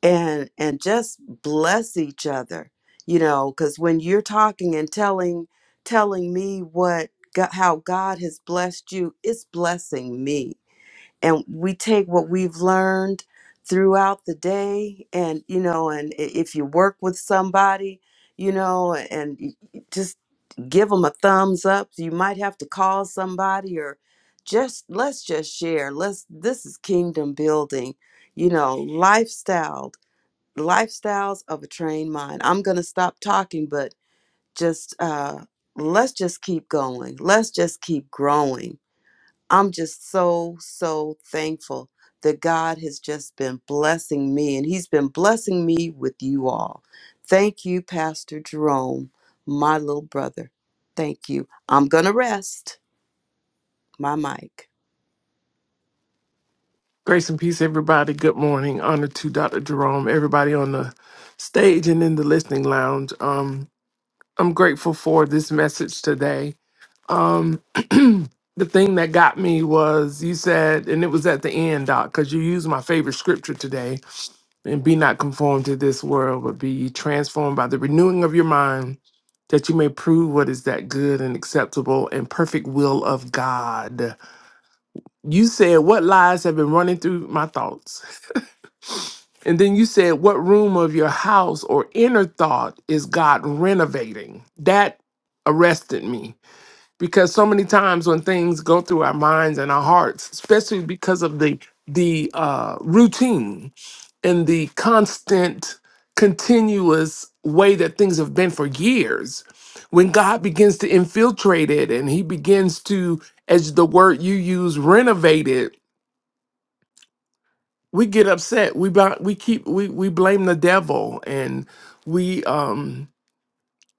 E: and and just bless each other you know because when you're talking and telling telling me what god, how god has blessed you it's blessing me and we take what we've learned throughout the day and you know and i- if you work with somebody you know and y- y- just give them a thumbs up you might have to call somebody or just let's just share let's this is kingdom building you know lifestyle lifestyles of a trained mind i'm going to stop talking but just uh let's just keep going let's just keep growing I'm just so, so thankful that God has just been blessing me and He's been blessing me with you all. Thank you, Pastor Jerome, my little brother. Thank you. I'm going to rest my mic.
F: Grace and peace, everybody. Good morning. Honor to Dr. Jerome, everybody on the stage and in the listening lounge. Um, I'm grateful for this message today. Um, the thing that got me was you said, and it was at the end, Doc, because you used my favorite scripture today, and be not conformed to this world, but be ye transformed by the renewing of your mind, that you may prove what is that good and acceptable and perfect will of God. You said, What lies have been running through my thoughts? And then you said, What room of your house or inner thought is God renovating? That arrested me because so many times when things go through our minds and our hearts, especially because of the the uh, routine and the constant, continuous way that things have been for years, when God begins to infiltrate it and He begins to, as the word you use, renovate it we get upset we bu- we keep we we blame the devil and we um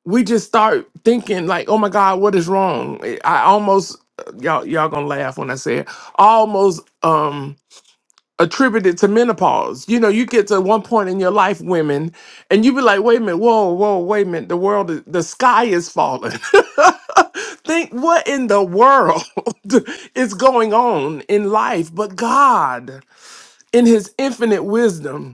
F: we just start thinking like oh my god what is wrong i I almost uh, y'all y'all gonna laugh when i say it almost um attributed to menopause you know you get to one point in your life women and you be like wait a minute whoa whoa wait a minute the world is, the sky is falling think what in the world is going on in life but god in his infinite wisdom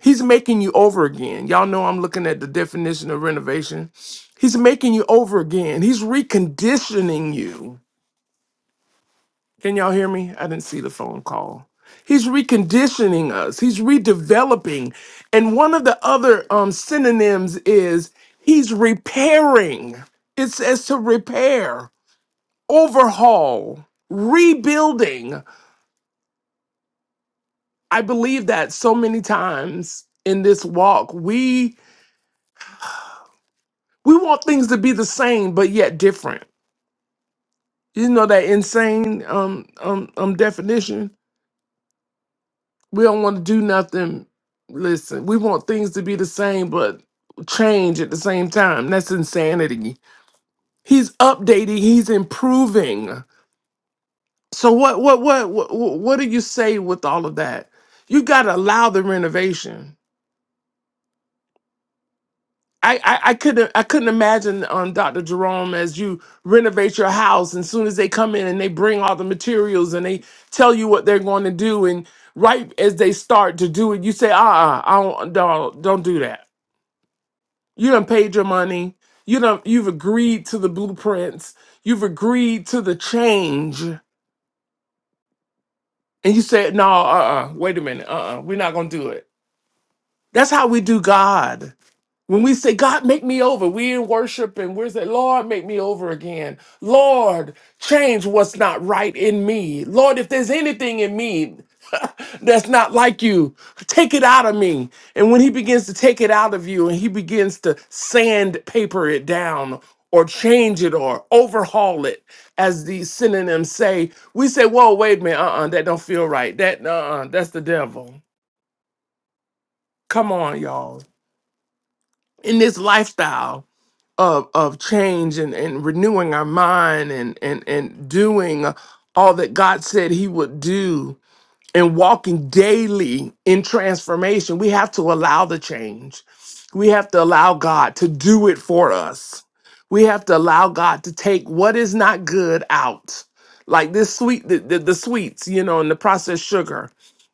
F: He's making you over again. Y'all know I'm looking at the definition of renovation. He's making you over again. He's reconditioning you. Can y'all hear me? I didn't see the phone call. He's reconditioning us. He's redeveloping. And one of the other um, synonyms is he's repairing. It says to repair, overhaul, rebuilding. I believe that so many times in this walk, we We want things to be the same but yet different. You know that insane um um um definition. We don't want to do nothing. Listen, we want things to be the same but change at the same time. That's insanity. He's updating. He's improving. So what what what what what do you say with all of that? You got to allow the renovation I, I, I couldn't I couldn't imagine um, Dr. Jerome as you renovate your house and soon as they come in and they bring all the materials and they tell you what they're going to do and right as they start to do it you say uh uh I don't, don't don't do that you done paid your money you done you've agreed to the blueprints you've agreed to the change and you said no uh uh wait a minute uh uh-uh, uh we're not gonna do it that's how we do God When we say, God, make me over, we in worship and we're saying, Lord, make me over again. Lord, change what's not right in me. Lord, if there's anything in me that's not like you, take it out of me. And when he begins to take it out of you and he begins to sandpaper it down or change it or overhaul it, as these synonyms say, we say, whoa, wait a minute, uh-uh, that don't feel right. That, uh-uh, that's the devil. Come on, y'all. In this lifestyle, of of change and, and renewing our mind and and and doing uh, all that God said he would do and walking daily in transformation, we have to allow the change. We have to allow God to do it for us. We have to allow God to take what is not good out. Like this sweet the, the, the sweets, you know, and the processed sugar.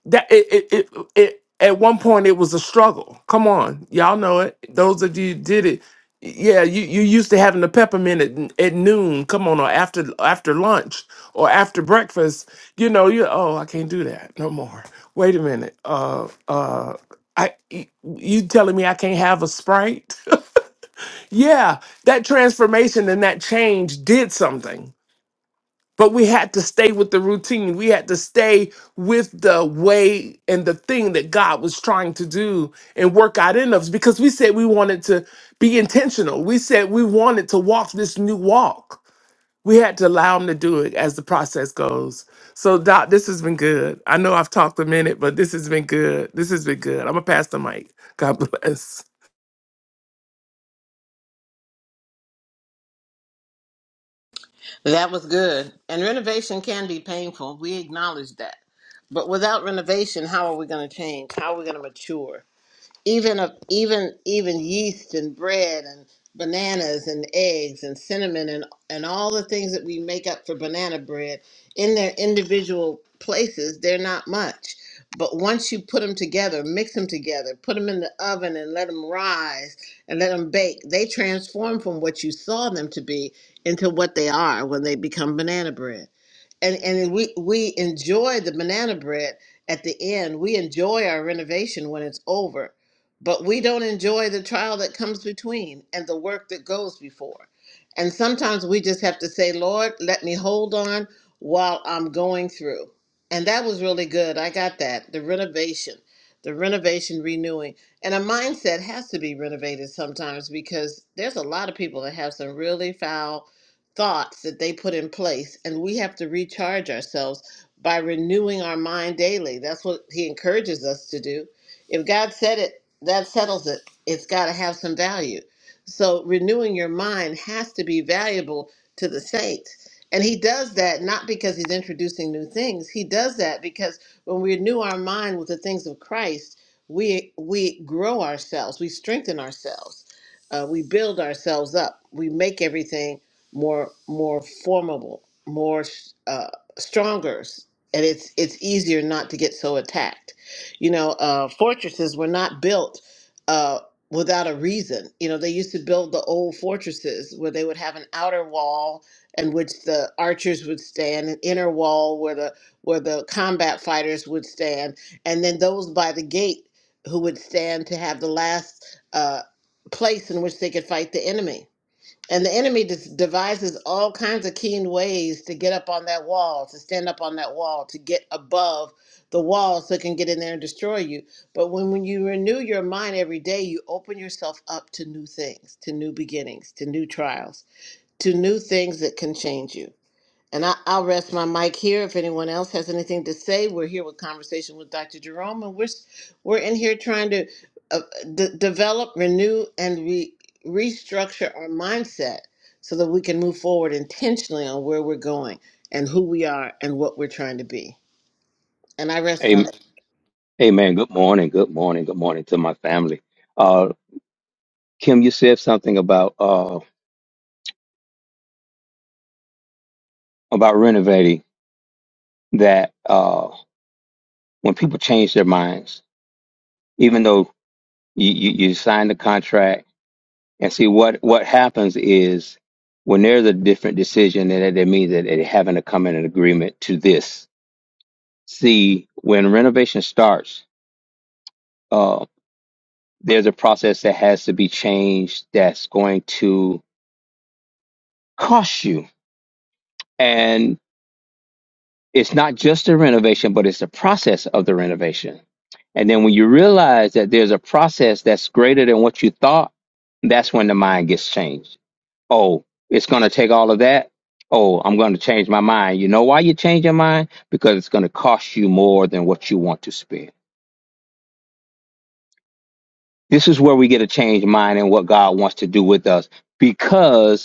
F: That it, it it it at one point it was a struggle. Come on. Y'all know it. Those of you who did it yeah, you you used to having the peppermint at, at noon. Come on, or after after lunch or after breakfast. You know, you oh, I can't do that no more. Wait a minute. Uh, uh, I y- you telling me I can't have a sprite? yeah, that transformation and that change did something. But we had to stay with the routine. We had to stay with the way and the thing that God was trying to do and work out in us because we said we wanted to be intentional. We said we wanted to walk this new walk. We had to allow him to do it as the process goes. So, Doc, this has been good. I know I've talked a minute, but this has been good. This has been good. I'm going to pass the mic. God bless.
B: That was good. And renovation can be painful. We acknowledge that. But without renovation, how are we going to change? How are we going to mature? even a, even even yeast and bread and bananas and eggs and cinnamon and and all the things that we make up for banana bread in their individual places they're not much but once you put them together mix them together put them in the oven and let them rise and let them bake they transform from what you saw them to be into what they are when they become banana bread and and we we enjoy the banana bread at the end. We enjoy our renovation when it's over, but we don't enjoy the trial that comes between and the work that goes before. And sometimes we just have to say, "Lord, let me hold on while I'm going through." And that was really good. I got that. The renovation, the renovation renewing. And a mindset has to be renovated sometimes because there's a lot of people that have some really foul thoughts that they put in place and we have to recharge ourselves by renewing our mind daily that's what he encourages us to do if god said it that settles it it's got to have some value so renewing your mind has to be valuable to the saints and he does that not because he's introducing new things he does that because when we renew our mind with the things of christ we we grow ourselves we strengthen ourselves uh, we build ourselves up we make everything more more formable, more uh, stronger, and it's it's easier not to get so attacked. You know, uh, fortresses were not built uh, without a reason. You know, they used to build the old fortresses where they would have an outer wall in which the archers would stand, an inner wall where the where the combat fighters would stand, and then those by the gate who would stand to have the last uh, place in which they could fight the enemy and the enemy dis- devises all kinds of keen ways to get up on that wall, to stand up on that wall, to get above the wall so it can get in there and destroy you. But when, when you renew your mind every day, you open yourself up to new things, to new beginnings, to new trials, to new things that can change you. And I, I'll rest my mic here. If anyone else has anything to say, we're here with conversation with Dr. Jerome, and we're s- we're in here trying to uh, d- develop, renew, and re- restructure our mindset so that we can move forward intentionally on where we're going and who we are and what we're trying to be. And I rest
G: Amen.
B: my.
G: Amen. Good morning. Good morning. Good morning to my family. Uh, Kim, you said something about uh, about renovating that uh, when people change their minds, even though you, you, you sign the contract and see what what happens is when there's a different decision, then that it means that they having to come in an agreement to this. See, when renovation starts, uh, there's a process that has to be changed that's going to cost you. it's not just the renovation, but it's the process of the renovation. And then when you realize that there's a process that's greater than what you thought, that's when the mind gets changed. Oh, it's going to take all of that. Oh, I'm going to change my mind. You know why you change your mind? Because it's going to cost you more than what you want to spend. This is where we get a changed mind and what God wants to do with us because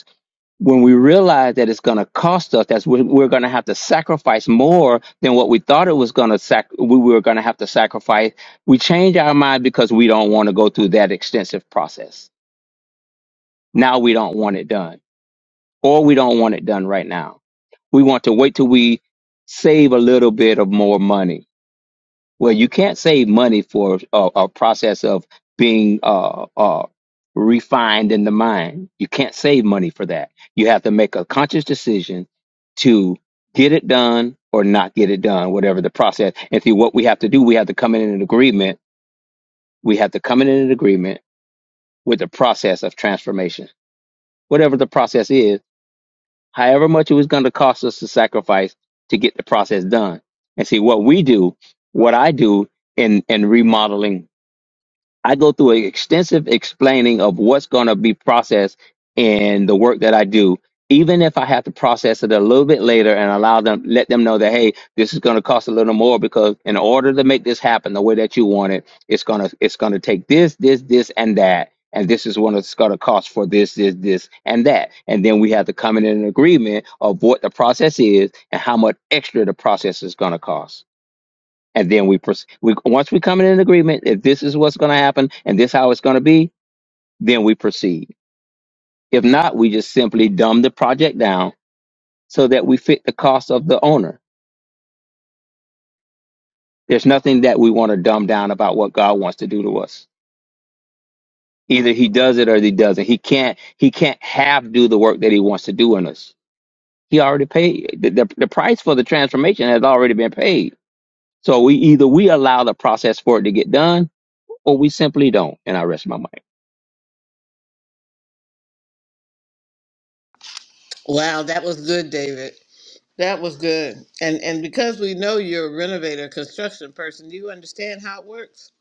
G: when we realize that it's going to cost us, that's when we're going to have to sacrifice more than what we thought it was going to sac- we were going to have to sacrifice. We change our mind because we don't want to go through that extensive process. Now we don't want it done, or we don't want it done right now. We want to wait till we save a little bit of more money well, you can't save money for a, a process of being uh, uh, refined in the mind. You can't save money for that. You have to make a conscious decision to get it done or not get it done, whatever the process. And see, what we have to do, we have to come in an agreement. We have to come in an agreement with the process of transformation, whatever the process is, however much it was going to cost us to sacrifice to get the process done. And see, what we do, what I do in, in remodeling I go through an extensive explaining of what's going to be processed in the work that I do, even if I have to process it a little bit later and allow them, let them know that, hey, this is going to cost a little more because in order to make this happen the way that you want it, it's going to, it's going to take this, this, this, and that. And this is what it's going to cost for this, this, this, and that. And then we have to come in an agreement of what the process is and how much extra the process is going to cost and then we, proce- we once we come in an agreement if this is what's going to happen and this how it's going to be then we proceed if not we just simply dumb the project down so that we fit the cost of the owner there's nothing that we want to dumb down about what god wants to do to us either he does it or he doesn't he can't he can't half do the work that he wants to do in us he already paid the, the, the price for the transformation has already been paid so we either we allow the process for it to get done or we simply don't and i rest my mind
B: Wow, that was good, David. That was good. And and because we know you're a renovator, construction person, do you understand how it works?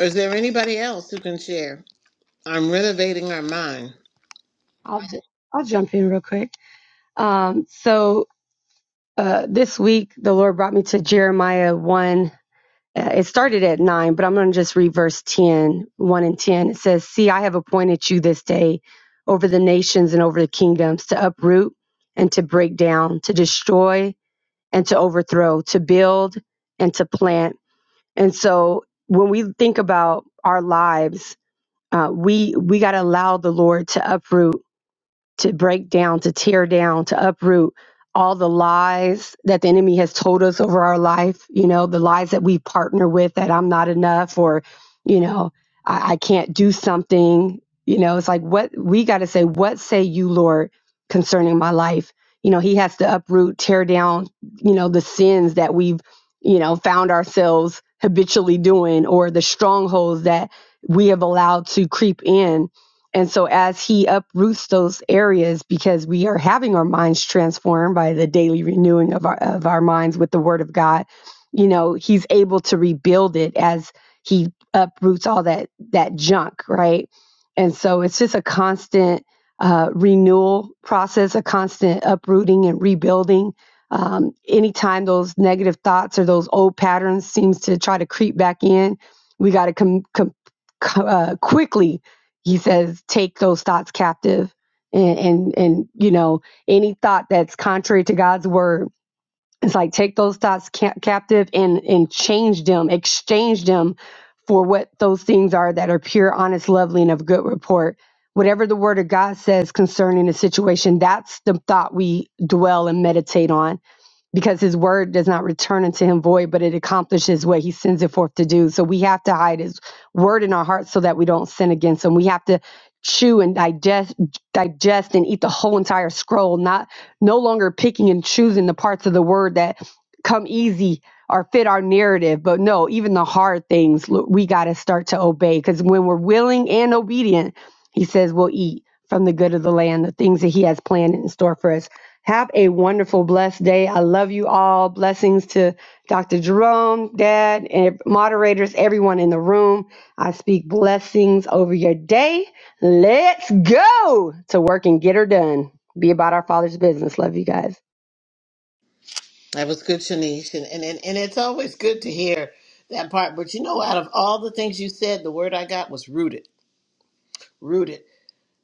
B: Or is there anybody else who can share? I'm renovating our mind.
A: I'll, ju- I'll jump in real quick. Um, so uh, this week, the Lord brought me to Jeremiah 1. Uh, It started at 9, but I'm going to just read verse ten, one and 10. It says, See, I have appointed you this day over the nations and over the kingdoms to uproot and to break down, to destroy and to overthrow, to build and to plant. And so when we think about our lives, Uh, we we got to allow the Lord to uproot to break down, to tear down, to uproot all the lies that the enemy has told us over our life, you know, the lies that we partner with that I'm not enough or, you know, I, I can't do something. You know, it's like what we got to say, what say you, Lord, concerning my life? You know, he has to uproot, tear down, you know, the sins that we've, you know, found ourselves habitually doing or the strongholds that we have allowed to creep in and so, as He uproots those areas, because we are having our minds transformed by the daily renewing of our of our minds with the Word of God, you know, He's able to rebuild it as He uproots all that that junk, right? And so, it's just a constant uh, renewal process, a constant uprooting and rebuilding. Um, anytime those negative thoughts or those old patterns seems to try to creep back in, we got to come com- com- co- uh, quickly he says take those thoughts captive and and, and you know any thought that's contrary to god's word it's like take those thoughts ca- captive and and change them exchange them for what those things are that are pure honest lovely and of good report whatever the word of god says concerning the situation that's the thought we dwell and meditate on because his word does not return unto him void, but it accomplishes what he sends it forth to do. So we have to hide his word in our hearts so that we don't sin against him. We have to chew and digest digest and eat the whole entire scroll, not no longer picking and choosing the parts of the word that come easy or fit our narrative. But no, even the hard things lo- we got to start to obey because when we're willing and obedient, he says we'll eat from the good of the land, the things that he has planned in store for us. Have a wonderful, blessed day. I love you all. Blessings to Dr. Jerome, Dad, and moderators, everyone in the room. I speak blessings over your day. Let's go to work and get her done. Be about our Father's business. Love you guys.
B: That was good, Shanice. And, and, and, and it's always good to hear that part. But you know, out of all the things you said, the word I got was rooted. Rooted.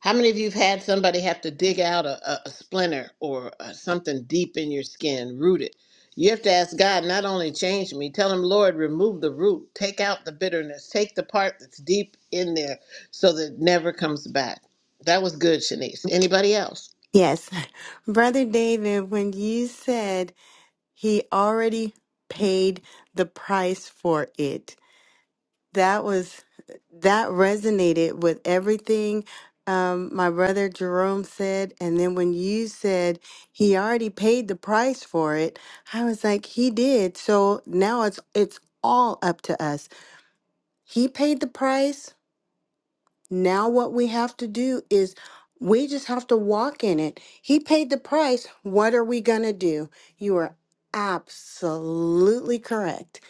B: How many of you have had somebody have to dig out a, a, a splinter or uh something deep in your skin? Rooted. You have to ask God, not only change me, tell him, Lord, remove the root, take out the bitterness, take the part that's deep in there so that it never comes back. That was good, Shanice. Anybody else?
C: Yes. Brother David, when you said he already paid the price for it, that was that resonated with everything um, my brother Jerome said. And then when you said he already paid the price for it, I was like, he did. So now it's it's all up to us. He paid the price Now, what we have to do is we just have to walk in it. He paid the price. What are we going to do? You are absolutely correct.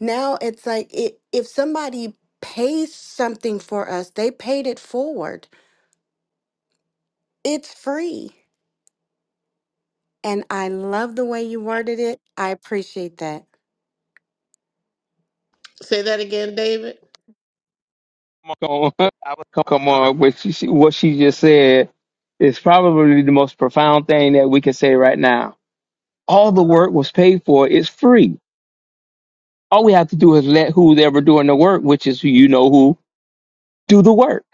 C: Now, it's like it, if somebody pays something for us, they paid it forward. It's free. And I love the way you worded it. I appreciate that.
B: Say that again, David.
G: come on, I was come on. What she, she- what she just said is probably the most profound thing that we can say right now. All the work was paid for. It's free. All we have to do is let who's ever doing the work, which is who you know who, do the work.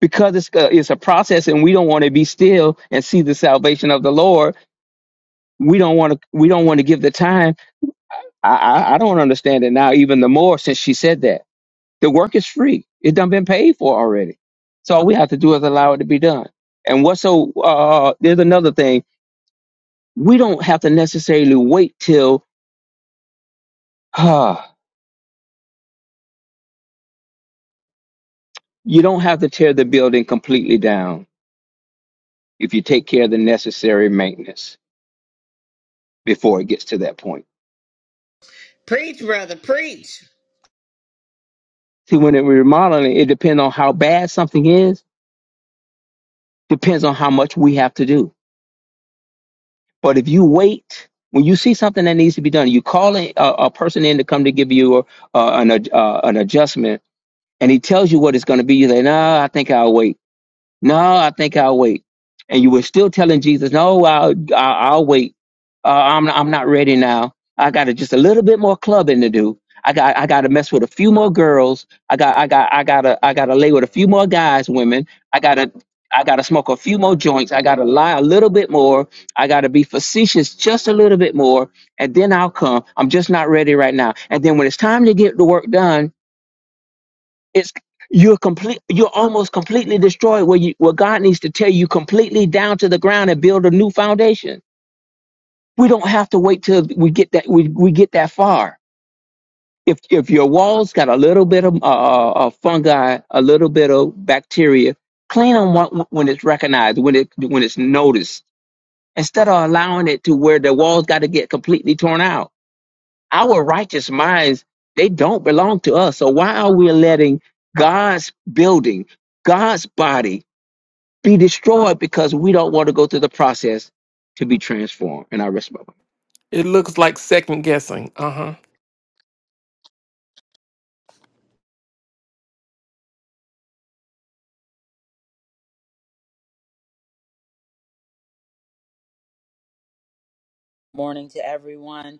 G: Because it's a, it's a process, and we don't want to be still and see the salvation of the Lord. We don't want to. We don't want to give the time. I, I I don't understand it now even the more since she said that The work is free. It done been paid for already. So all we have to do is allow it to be done. And what's so uh there's another thing. We don't have to necessarily wait till uh, you don't have to tear the building completely down if you take care of the necessary maintenance before it gets to that point.
B: Preach, brother, preach.
G: See, when it we're remodeling, it depends on how bad something is, depends on how much we have to do. But if you wait, when you see something that needs to be done, you call a, a a person in to come to give you a, uh, an, ad- uh, an adjustment and he tells you what it's going to be, you say, "No, I think I'll wait. No, I think I'll wait." And you were still telling Jesus, "No, I'll I'll, I'll wait. Uh, I'm I'm not ready now. I got to just a little bit more clubbing to do. I got I got to mess with a few more girls. I got I got I got to I got to lay with a few more guys, women. I got to I got to smoke a few more joints. I got to lie a little bit more. I got to be facetious just a little bit more, and then I'll come. I'm just not ready right now. And then when it's time to get the work done." It's you're complete. You're almost completely destroyed. Where you, where God needs to tear you completely down to the ground and build a new foundation. We don't have to wait till we get that. We, we get that far. If if your walls got a little bit of uh, uh, uh, fungi, a little bit of bacteria, clean them when it's recognized, when it when it's noticed, instead of allowing it to where the walls got to get completely torn out. Our righteous minds, they don't belong to us. So why are we letting God's building, God's body be destroyed because we don't want to go through the process to be transformed? And I rest my
F: It looks like second guessing. Uh huh.
H: morning to everyone.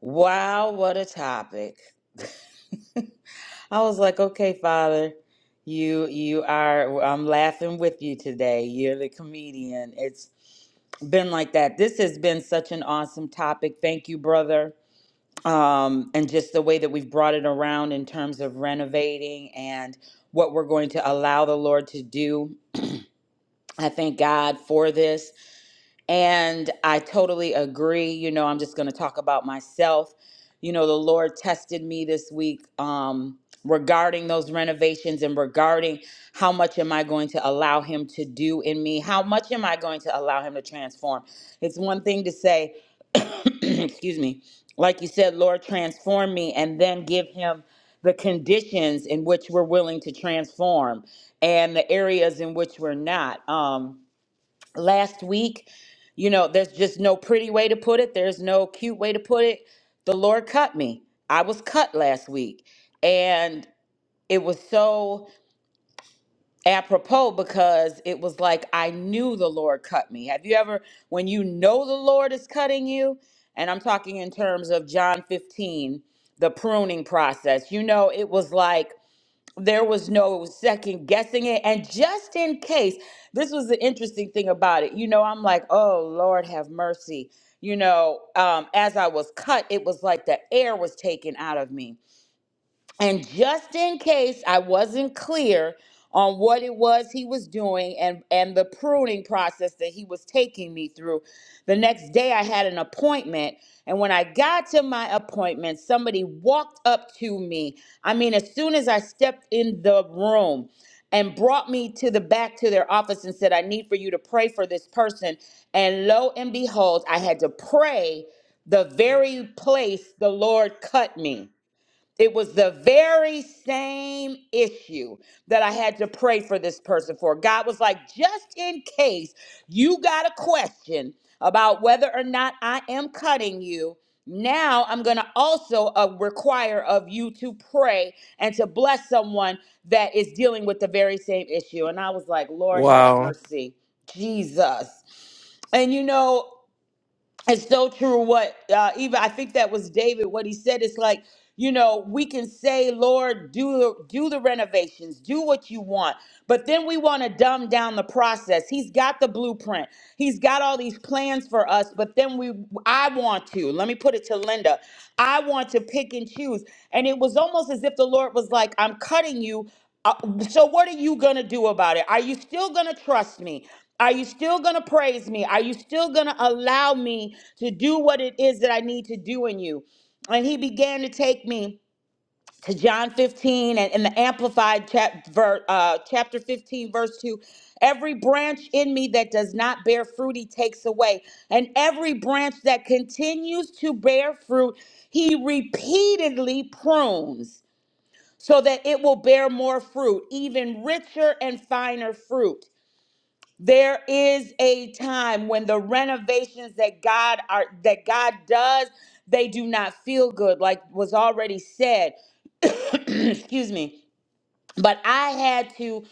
H: Wow, what a topic. I was like, okay, Father, you you are I'm laughing with you today. You're the comedian. It's been like that. This has been such an awesome topic. Thank you, brother. Um, and just the way that we've brought it around in terms of renovating and what we're going to allow the Lord to do. I thank God for this. And I totally agree. You know, I'm just going to talk about myself. You know, the Lord tested me this week um, regarding those renovations and regarding how much am I going to allow Him to do in me? How much am I going to allow Him to transform? It's one thing to say, excuse me, like you said, Lord, transform me, and then give Him the conditions in which we're willing to transform and the areas in which we're not. Um, last week. You know, there's just no pretty way to put it. There's no cute way to put it. The Lord cut me. I was cut last week. And it was so apropos because it was like I knew the Lord cut me. Have you ever, when you know the Lord is cutting you, and I'm talking in terms of John 15, the pruning process, you know, it was like, there was no second guessing it. And just in case, this was the interesting thing about it. You know, I'm like, oh, Lord, have mercy. You know, um, as I was cut, it was like the air was taken out of me and just in case I wasn't clear on what it was he was doing and, and the pruning process that he was taking me through, the next day I had an appointment. And when I got to my appointment, somebody walked up to me. I mean, as soon as I stepped in the room, and brought me to the back to their office and said, I need for you to pray for this person. And lo and behold, I had to pray the very place the Lord cut me. It was the very same issue that I had to pray for this person for. God was like, just in case you got a question about whether or not I am cutting you, now I'm going to also uh, require of you to pray and to bless someone that is dealing with the very same issue. And I was like, Lord, have
F: Wow.
H: mercy. Jesus. And you know, it's so true what uh even i think that was david what he said is like you know we can say lord do do the renovations do what you want but then we want to dumb down the process he's got the blueprint he's got all these plans for us but then we i want to let me put it to linda i want to pick and choose and it was almost as if the lord was like i'm cutting you uh, so what are you going to do about it? Are you still going to trust me? Are you still going to praise me? Are you still going to allow me to do what it is that I need to do in you? And he began to take me to John 15 and, and the Amplified chap, ver, uh, chapter 15, verse 2. Every branch in me that does not bear fruit, he takes away. And every branch that continues to bear fruit, he repeatedly prunes so that it will bear more fruit, even richer and finer fruit. There is a time when the renovations that God are that God does, they do not feel good like was already said. Excuse me. But I had to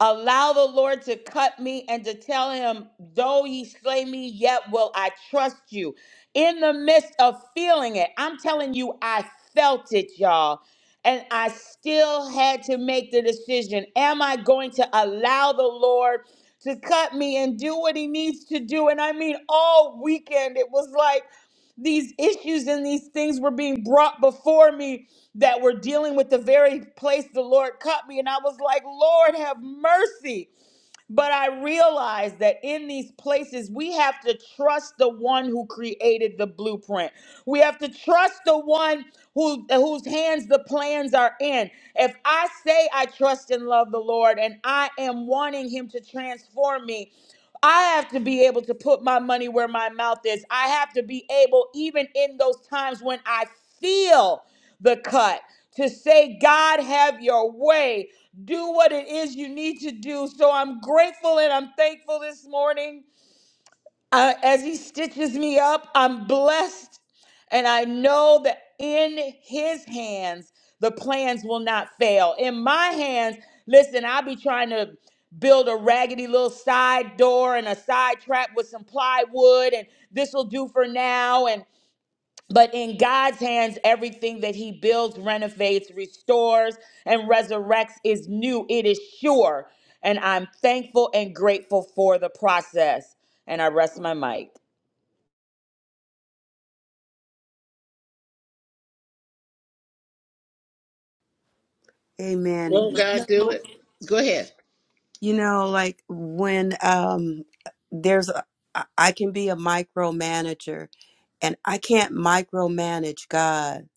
H: allow the Lord to cut me and to tell him, though ye slay me, yet will I trust you. In the midst of feeling it, I'm telling you, I felt it, y'all. And I still had to make the decision Am I going to allow the Lord to cut me and do what he needs to do? And I mean, all weekend, it was like these issues and these things were being brought before me that were dealing with the very place the Lord cut me. And I was like, Lord, have mercy. But I realized that in these places, we have to trust the one who created the blueprint. We have to trust the one who, whose hands the plans are in. If I say I trust and love the Lord and I am wanting him to transform me, I have to be able to put my money where my mouth is. I have to be able, even in those times when I feel the cut, to say, God, have your way. Do what it is you need to do. So I'm grateful and I'm thankful this morning. I, as he stitches me up, I'm blessed. And I know that in his hands, the plans will not fail. In my hands, listen, I'll be trying to build a raggedy little side door and a side trap with some plywood, and this will do for now. But in God's hands, everything that He builds, renovates, restores, and resurrects is new. It is sure. And I'm thankful and grateful for the process. And I rest my mic.
E: Amen. And
B: Won't
E: you
B: God do
E: know,
B: it? Go ahead.
E: you know, like when um there's a, I I can be a micromanager And I can't micromanage God,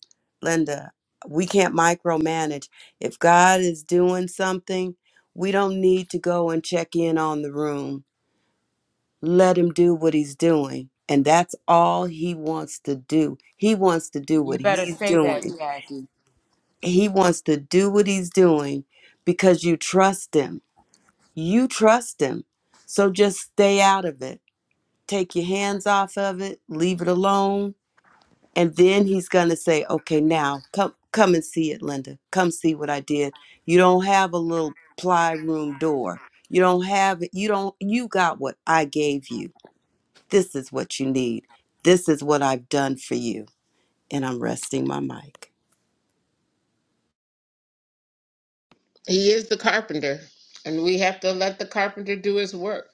E: Linda. We can't micromanage. If God is doing something, we don't need to go and check in on the room. Let Him do what He's doing. And that's all He wants to do. He wants to do
H: You
E: what
H: better
E: He's
H: say that,
E: doing.
H: Jackie.
E: He wants to do what He's doing because you trust Him. You trust Him. So just stay out of it. Take your hands off of it, leave it alone and then he's going to say okay now come come and see it linda come see what i did you don't have a little ply room door you don't have you don't you got what i gave you this is what you need this is what i've done for you and i'm resting my mic
B: He is the carpenter, and we have to let the carpenter do his work.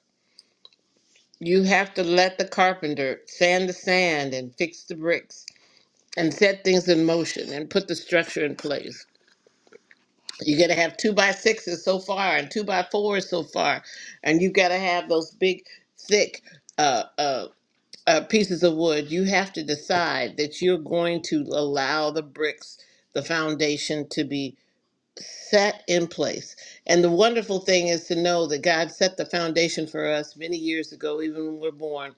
B: You have to let the carpenter sand the sand and fix the bricks and set things in motion and put the structure in place. you got to have two by sixes so far and two by fours so far, and you've got to have those big, thick uh, uh, uh, pieces of wood. You have to decide that you're going to allow the bricks, the foundation to be set in place. And the wonderful thing is to know that God set the foundation for us many years ago, even when we we're born.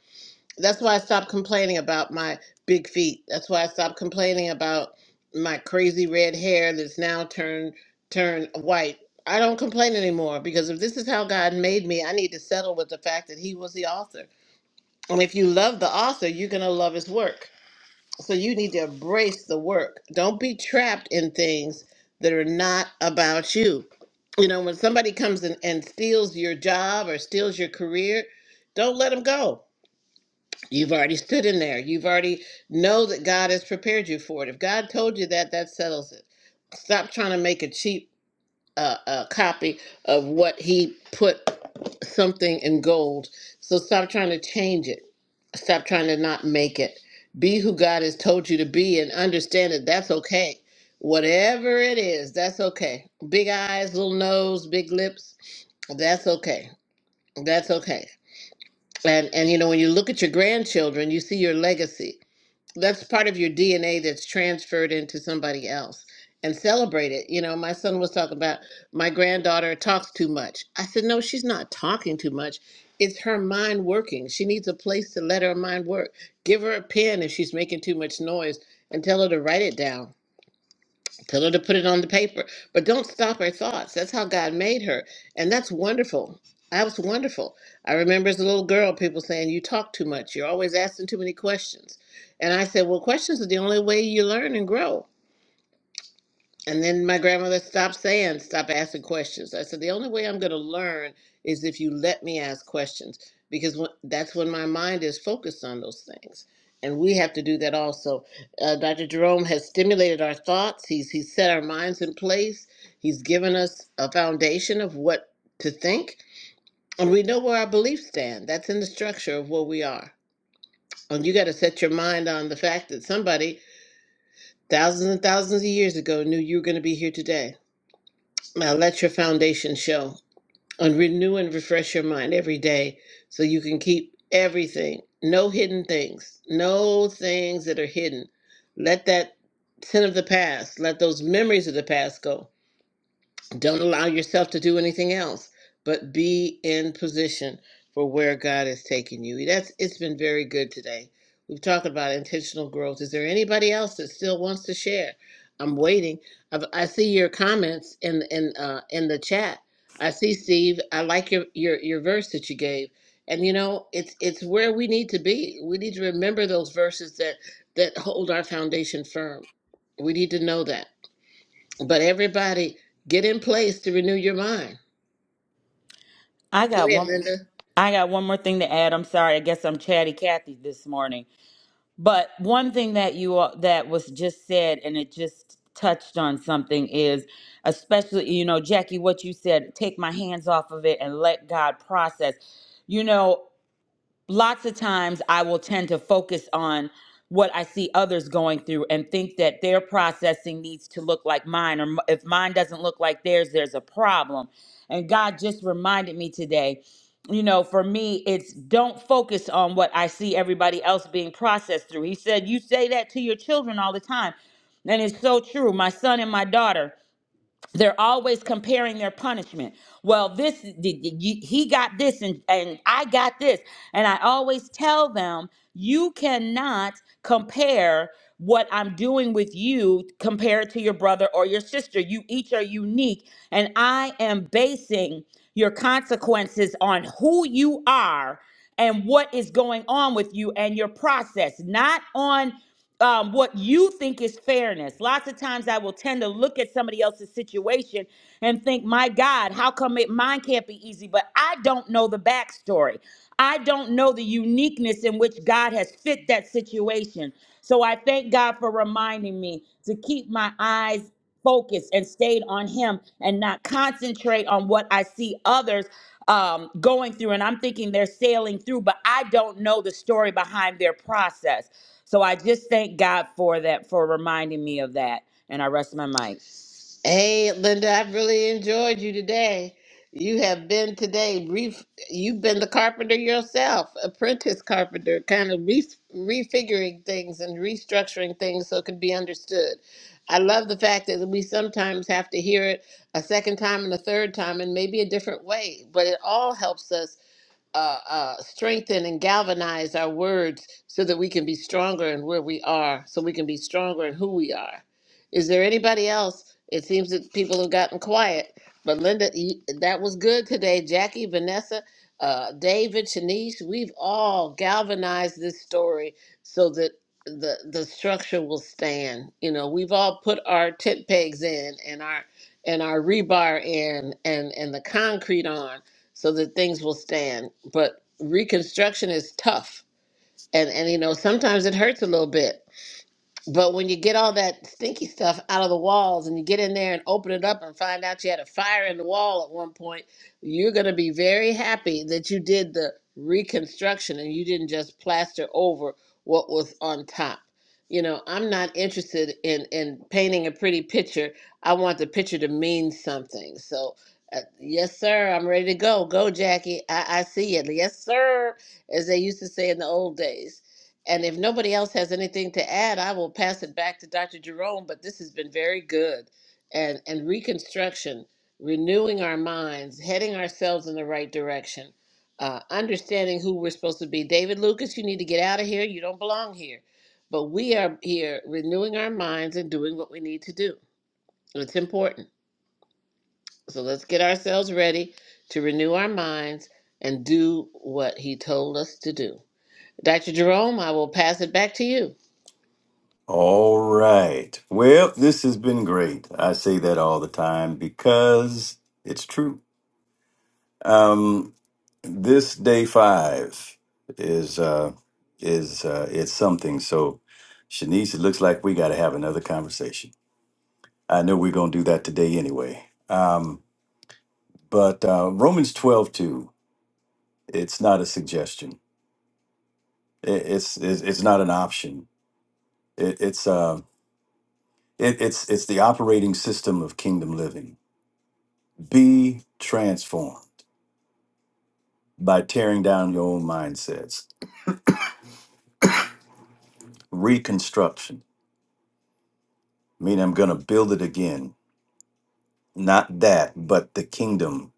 B: That's why I stopped complaining about my big feet. That's why I stopped complaining about my crazy red hair that's now turned turned white. I don't complain anymore because if this is how God made me, I need to settle with the fact that He was the author. And if you love the author, you're gonna love His work. So you need to embrace the work. Don't be trapped in things that are not about you. You know, when somebody comes in and steals your job or steals your career, don't let them go. You've already stood in there. You've already know that God has prepared you for it. If God told you that, that settles it. Stop trying to make a cheap a, a copy of what he put something in gold. So stop trying to change it. Stop trying to not make it. Be who God has told you to be and understand that that's okay. Whatever it is, that's okay. Big eyes, little nose, big lips, that's okay. That's okay. And and you know when you look at your grandchildren, you see your legacy that's part of your DNA that's transferred into somebody else and celebrate it. You know, my son was talking about my granddaughter talks too much. I said, no, she's not talking too much. It's her mind working. She needs a place to let her mind work. Give her a pen if she's making too much noise and tell her to write it down Tell her to put it on the paper. But don't stop her thoughts. That's how God made her. And that's wonderful. That was wonderful. I remember as a little girl, people saying, You talk too much. You're always asking too many questions. And I said, Well, questions are the only way you learn and grow. And then my grandmother stopped saying, stop asking questions. I said, the only way I'm going to learn is if you let me ask questions because when, that's when my mind is focused on those things. And we have to do that also. Uh, Dr. Jerome has stimulated our thoughts, he's, he's set our minds in place, he's given us a foundation of what to think. And we know where our beliefs stand. That's in the structure of where we are. And you got to set your mind on the fact that somebody thousands and thousands of years ago knew you were going to be here today now let your foundation show and renew and refresh your mind every day so you can keep everything, no hidden things, no things that are hidden. Let that sin of the past, let those memories of the past go. Don't allow yourself to do anything else, but be in position for where God has taken you. That's it's been very good today. We've talked about intentional growth. Is there anybody else that still wants to share? I'm waiting. I've, I see your comments in in uh, in the chat. I see Steve. I like your, your your verse that you gave, and you know it's it's where we need to be. We need to remember those verses that that hold our foundation firm. We need to know that. But everybody, get in place to renew your mind.
H: I
B: Go
H: got
B: ahead,
H: one
B: Linda.
H: I got one more thing to add. I'm sorry. I guess I'm chatty Cathy this morning. But one thing that you all, that was just said, and it just touched on something is, especially you know, Jackie, what you said, take my hands off of it and let God process. You know, lots of times I will tend to focus on what I see others going through and think that their processing needs to look like mine, or m- if mine doesn't look like theirs, there's a problem. And God just reminded me today, you know, for me, it's don't focus on what I see everybody else being processed through. He said, You say that to your children all the time. And it's so true. My son and my daughter they're always comparing their punishment well this the, the- you- he got this and and i got this and i always tell them you cannot compare what i'm doing with you compared to your brother or your sister you each are unique and i am basing your consequences on who you are and what is going on with you and your process, not on um, what you think is fairness. Lots of times I will tend to look at somebody else's situation and think, my God, how come it, mine can't be easy? But I don't know the backstory. I don't know the uniqueness in which God has fit that situation. So I thank God for reminding me to keep my eyes focused and stayed on Him and not concentrate on what I see others um, going through, and I'm thinking they're sailing through, but I don't know the story behind their process. So I just thank God for that, for reminding me of that. And I rest my mic.
B: Hey, Linda, I've really enjoyed you today. You have been today, ref- you've been the carpenter yourself, apprentice carpenter, kind of re- refiguring things and restructuring things so it can be understood. I love the fact that we sometimes have to hear it a second time and a third time and maybe a different way, but it all helps us uh, uh, strengthen and galvanize our words so that we can be stronger in where we are, so we can be stronger in who we are. Is there anybody else? It seems that people have gotten quiet, but Linda, you- that was good today. Jackie, Vanessa, uh, David, Shanice, we've all galvanized this story so that the the structure will stand. You know, we've all put our tent pegs in and our and our rebar in and and the concrete on so that things will stand. But reconstruction is tough. And and you know, sometimes it hurts a little bit. But when you get all that stinky stuff out of the walls and you get in there and open it up and find out you had a fire in the wall at one point, you're going to be very happy that you did the reconstruction and you didn't just plaster over what was on top. You know, I'm not interested in in painting a pretty picture. I want the picture to mean something. So, uh, yes, sir, I'm ready to go. Go, Jackie. I, I see it. Yes, sir, as they used to say in the old days. And if nobody else has anything to add, I will pass it back to Dr. Jerome. But this has been very good. And, and reconstruction, renewing our minds, heading ourselves in the right direction, uh, understanding who we're supposed to be. David Lucas, you need to get out of here. You don't belong here. But we are here renewing our minds and doing what we need to do. It's important. So let's get ourselves ready to renew our minds and do what he told us to do. Dr. Jerome, I will pass it back to you.
D: All right. Well, this has been great. I say that all the time because it's true. Um, is Shanice, it looks like we got to have another conversation. I know we're going to do that today anyway. Um, but uh, Romans 12 2, it's not a suggestion. It, it's, it's it's not an option. It, it's uh, it, it's it's the operating system of kingdom living. Be transformed by tearing down your own mindsets. Reconstruction, meaning I'm going to build it again. Not that, but the kingdom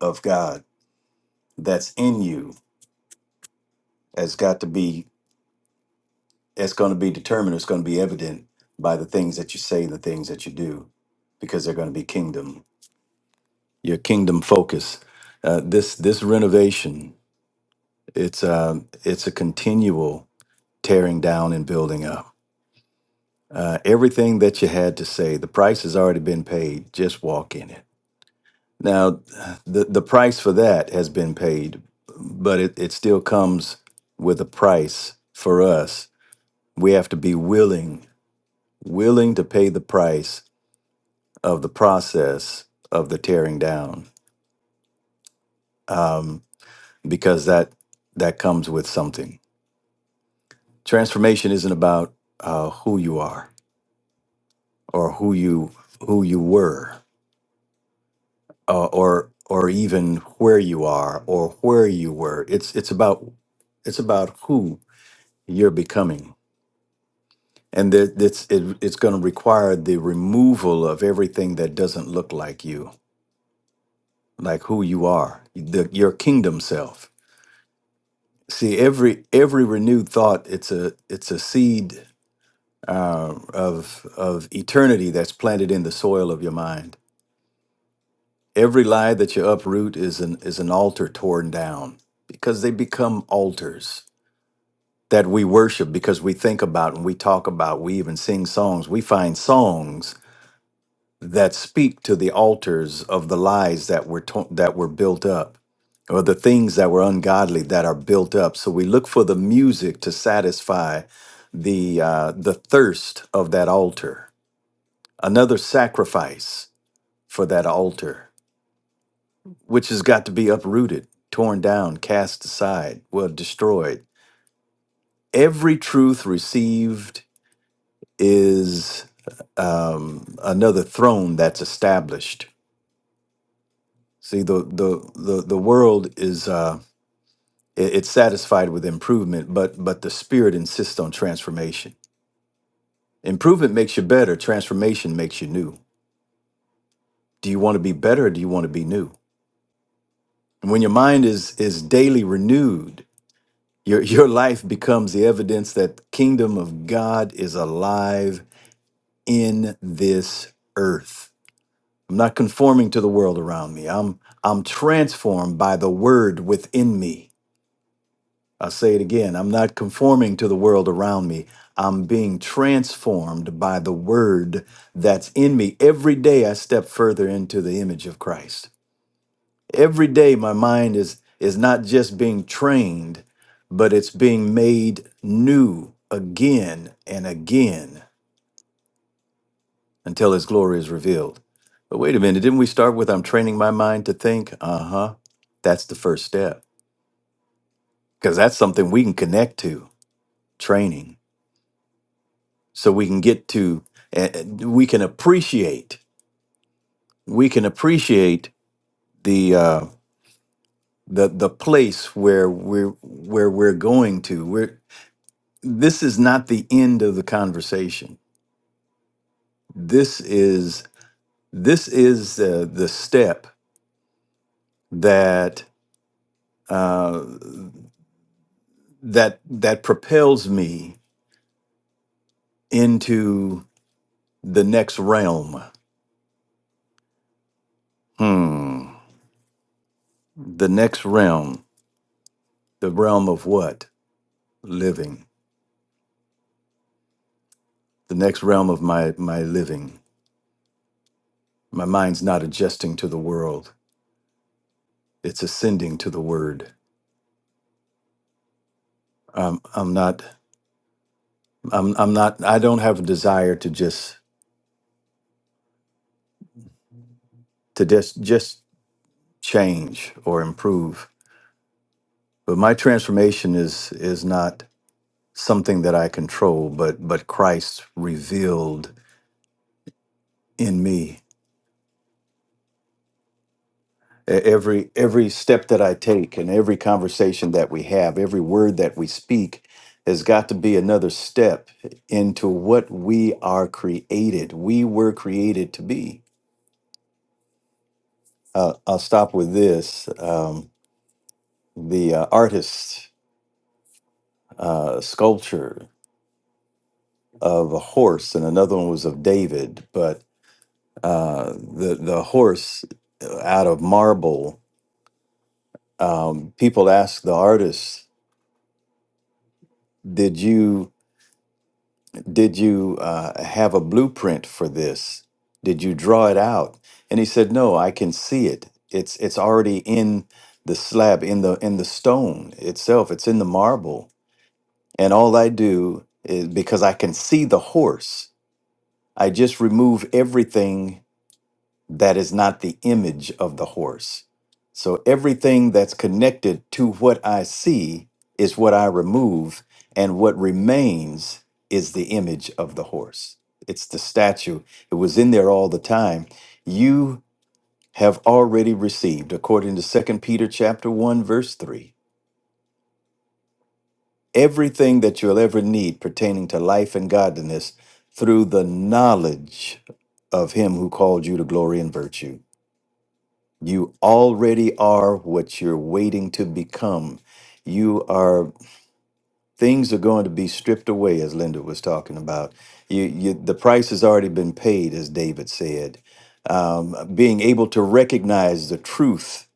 D: of God that's in you has got to be it's going to be determined it's going to be evident by the things that you say and the things that you do because they're going to be kingdom your kingdom focus uh, this this renovation it's a it's a continual tearing down and building up uh, everything that you had to say the price has already been paid just walk in it now the the price for that has been paid but it, it still comes with a price for us we have to be willing willing to pay the price of the process of the tearing down um, because that that comes with something transformation isn't about uh, who you are or who you who you were uh, or or even where you are or where you were it's it's about it's about who you're becoming and that it's it, it's going to require the removal of everything that doesn't look like you like who you are the, your kingdom self See, every every renewed thought, it's a it's a seed uh, of of eternity that's planted in the soil of your mind. Every lie that you uproot is an is an altar torn down because they become altars that we worship because we think about and we talk about. We even sing songs. We find songs that speak to the altars of the lies that were to- that were built up or the things that were ungodly that are built up so we look for the music to satisfy the uh, the thirst of that altar another sacrifice for that altar which has got to be uprooted torn down cast aside well destroyed every truth received is um, another throne that's established See, the the the the world is uh, it- it's satisfied with improvement, but but the spirit insists on transformation. Improvement makes you better. Transformation makes you new. Do you want to be better, or do you want to be new? And when your mind is is daily renewed, your your life becomes the evidence that the kingdom of God is alive in this earth. I'm not conforming to the world around me. I'm I'm transformed by the word within me. I'll say it again. I'm not conforming to the world around me. I'm being transformed by the word that's in me. Every day I step further into the image of Christ. Every day my mind is is not just being trained, but it's being made new again and again until his glory is revealed. But wait a minute, didn't we start with I'm training my mind to think? Uh-huh. That's the first step. Because that's something we can connect to. Training. so we can get to and we can appreciate we can appreciate the uh the the place where we're where we're going to we're this is not the end of the conversation this is this is uh, the step that uh that that propels me into the next realm hmm the next realm the realm of what living the next realm of my my living. My mind's not adjusting to the world; it's ascending to the Word. I'm I'm I'm not. I'm. I'm not. I don't have a desire to just to just just change or improve. But my transformation is is not something that I control, but but Christ revealed in me. E- Every every step that I take and every conversation that we have, every word that we speak has got to be another step into what we are created. We were created to be. Uh, I'll stop with this. Um, the uh, artist's uh, sculpture of a horse, and another one was of David, but uh, the the horse uh, out of marble. Um, people ask the artist, "Did you?" did you uh, have a blueprint for this did you draw it out and he said no i can see it it's it's already in the slab in the in the stone itself it's in the marble and all i do is because i can see the horse i just remove everything that is not the image of the horse. So everything that's connected to what I see is what I remove, and what remains is the image of the horse. It's the statue. It was in there all the time. You have already received, according to Second Peter chapter 1, verse 3, everything that you'll ever need pertaining to life and godliness through the knowledge of him who called you to glory and virtue. You already are what you're waiting to become. You are things are going to be stripped away, as Linda was talking about. You, you the price has already been paid, as David said. Um, being able to recognize the truth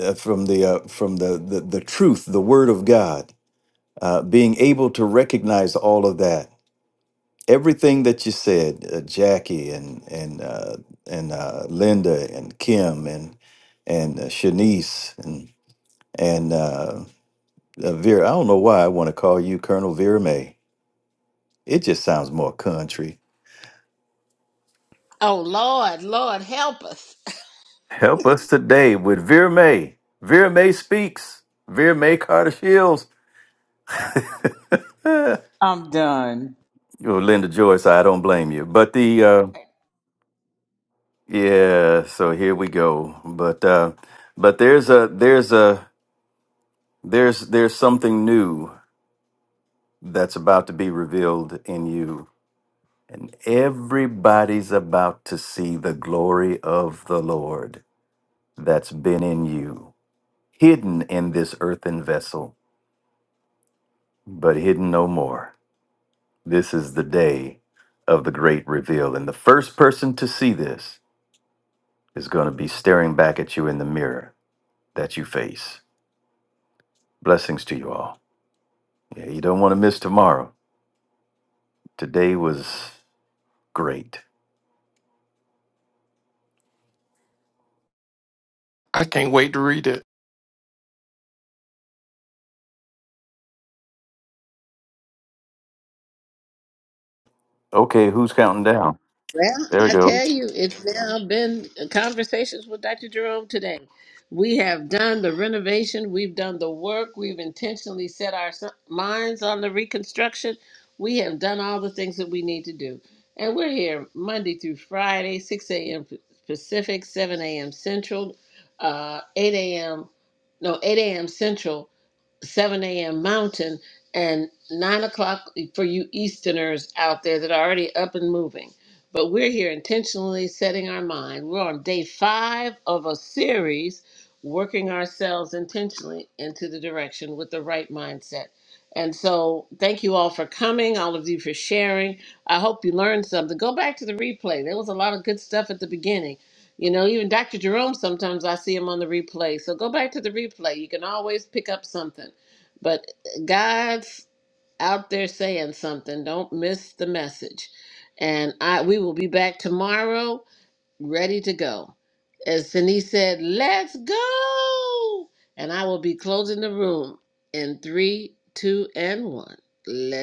D: uh, from the uh, from the, the the truth, the Word of God. Uh, being able to recognize all of that, everything that you said, uh, Jackie and and uh, and uh, Linda and Kim and and uh, Shanice And uh, uh, Vera, I don't know why I want to call you Colonel Vera May. It just sounds more country.
B: Oh, Lord, Lord, help us.
D: Help us today with Vera May. Vera May speaks. Vera May Carter Shields.
H: I'm done.
D: Oh, Linda Joyce, I don't blame you. But the uh, yeah, so here we go. But uh, but there's a there's a there's there's something new that's about to be revealed in you, and everybody's about to see the glory of the Lord. that's been in you, hidden in this earthen vessel, but hidden no more. This is the day of the great reveal. And the first person to see this is going to be staring back at you in the mirror that you face. Blessings to you all. Yeah, you don't want to miss tomorrow. Today was great.
F: I can't wait to read it.
D: Okay, who's counting down?
B: Well,
D: There we
B: I
D: go.
B: tell you, it's now been conversations with Dr. Jerome today. We have done the renovation, we've done the work, we've intentionally set our s- minds on the reconstruction. We have done all the things that we need to do. And we're here Monday through Friday, 6 a.m. Pacific, 7 a.m. Central, uh, 8 a.m. No, 8 a.m. Central, 7 a.m. Mountain and 9 o'clock for you Easterners out there that are already up and moving. But we're here intentionally setting our mind. We're on day five of a series, working ourselves intentionally into the direction with the right mindset. And so, thank you all for coming, all of you for sharing. I hope you learned something. Go back to the replay. There was a lot of good stuff at the beginning. You know, even Dr. Jerome, sometimes I see him on the replay. So, go back to the replay. You can always pick up something. But God's out there saying something. Don't miss the message. And I we will be back tomorrow, ready to go. As Denise said, let's go. And I will be closing the room in three, two, and one. Let's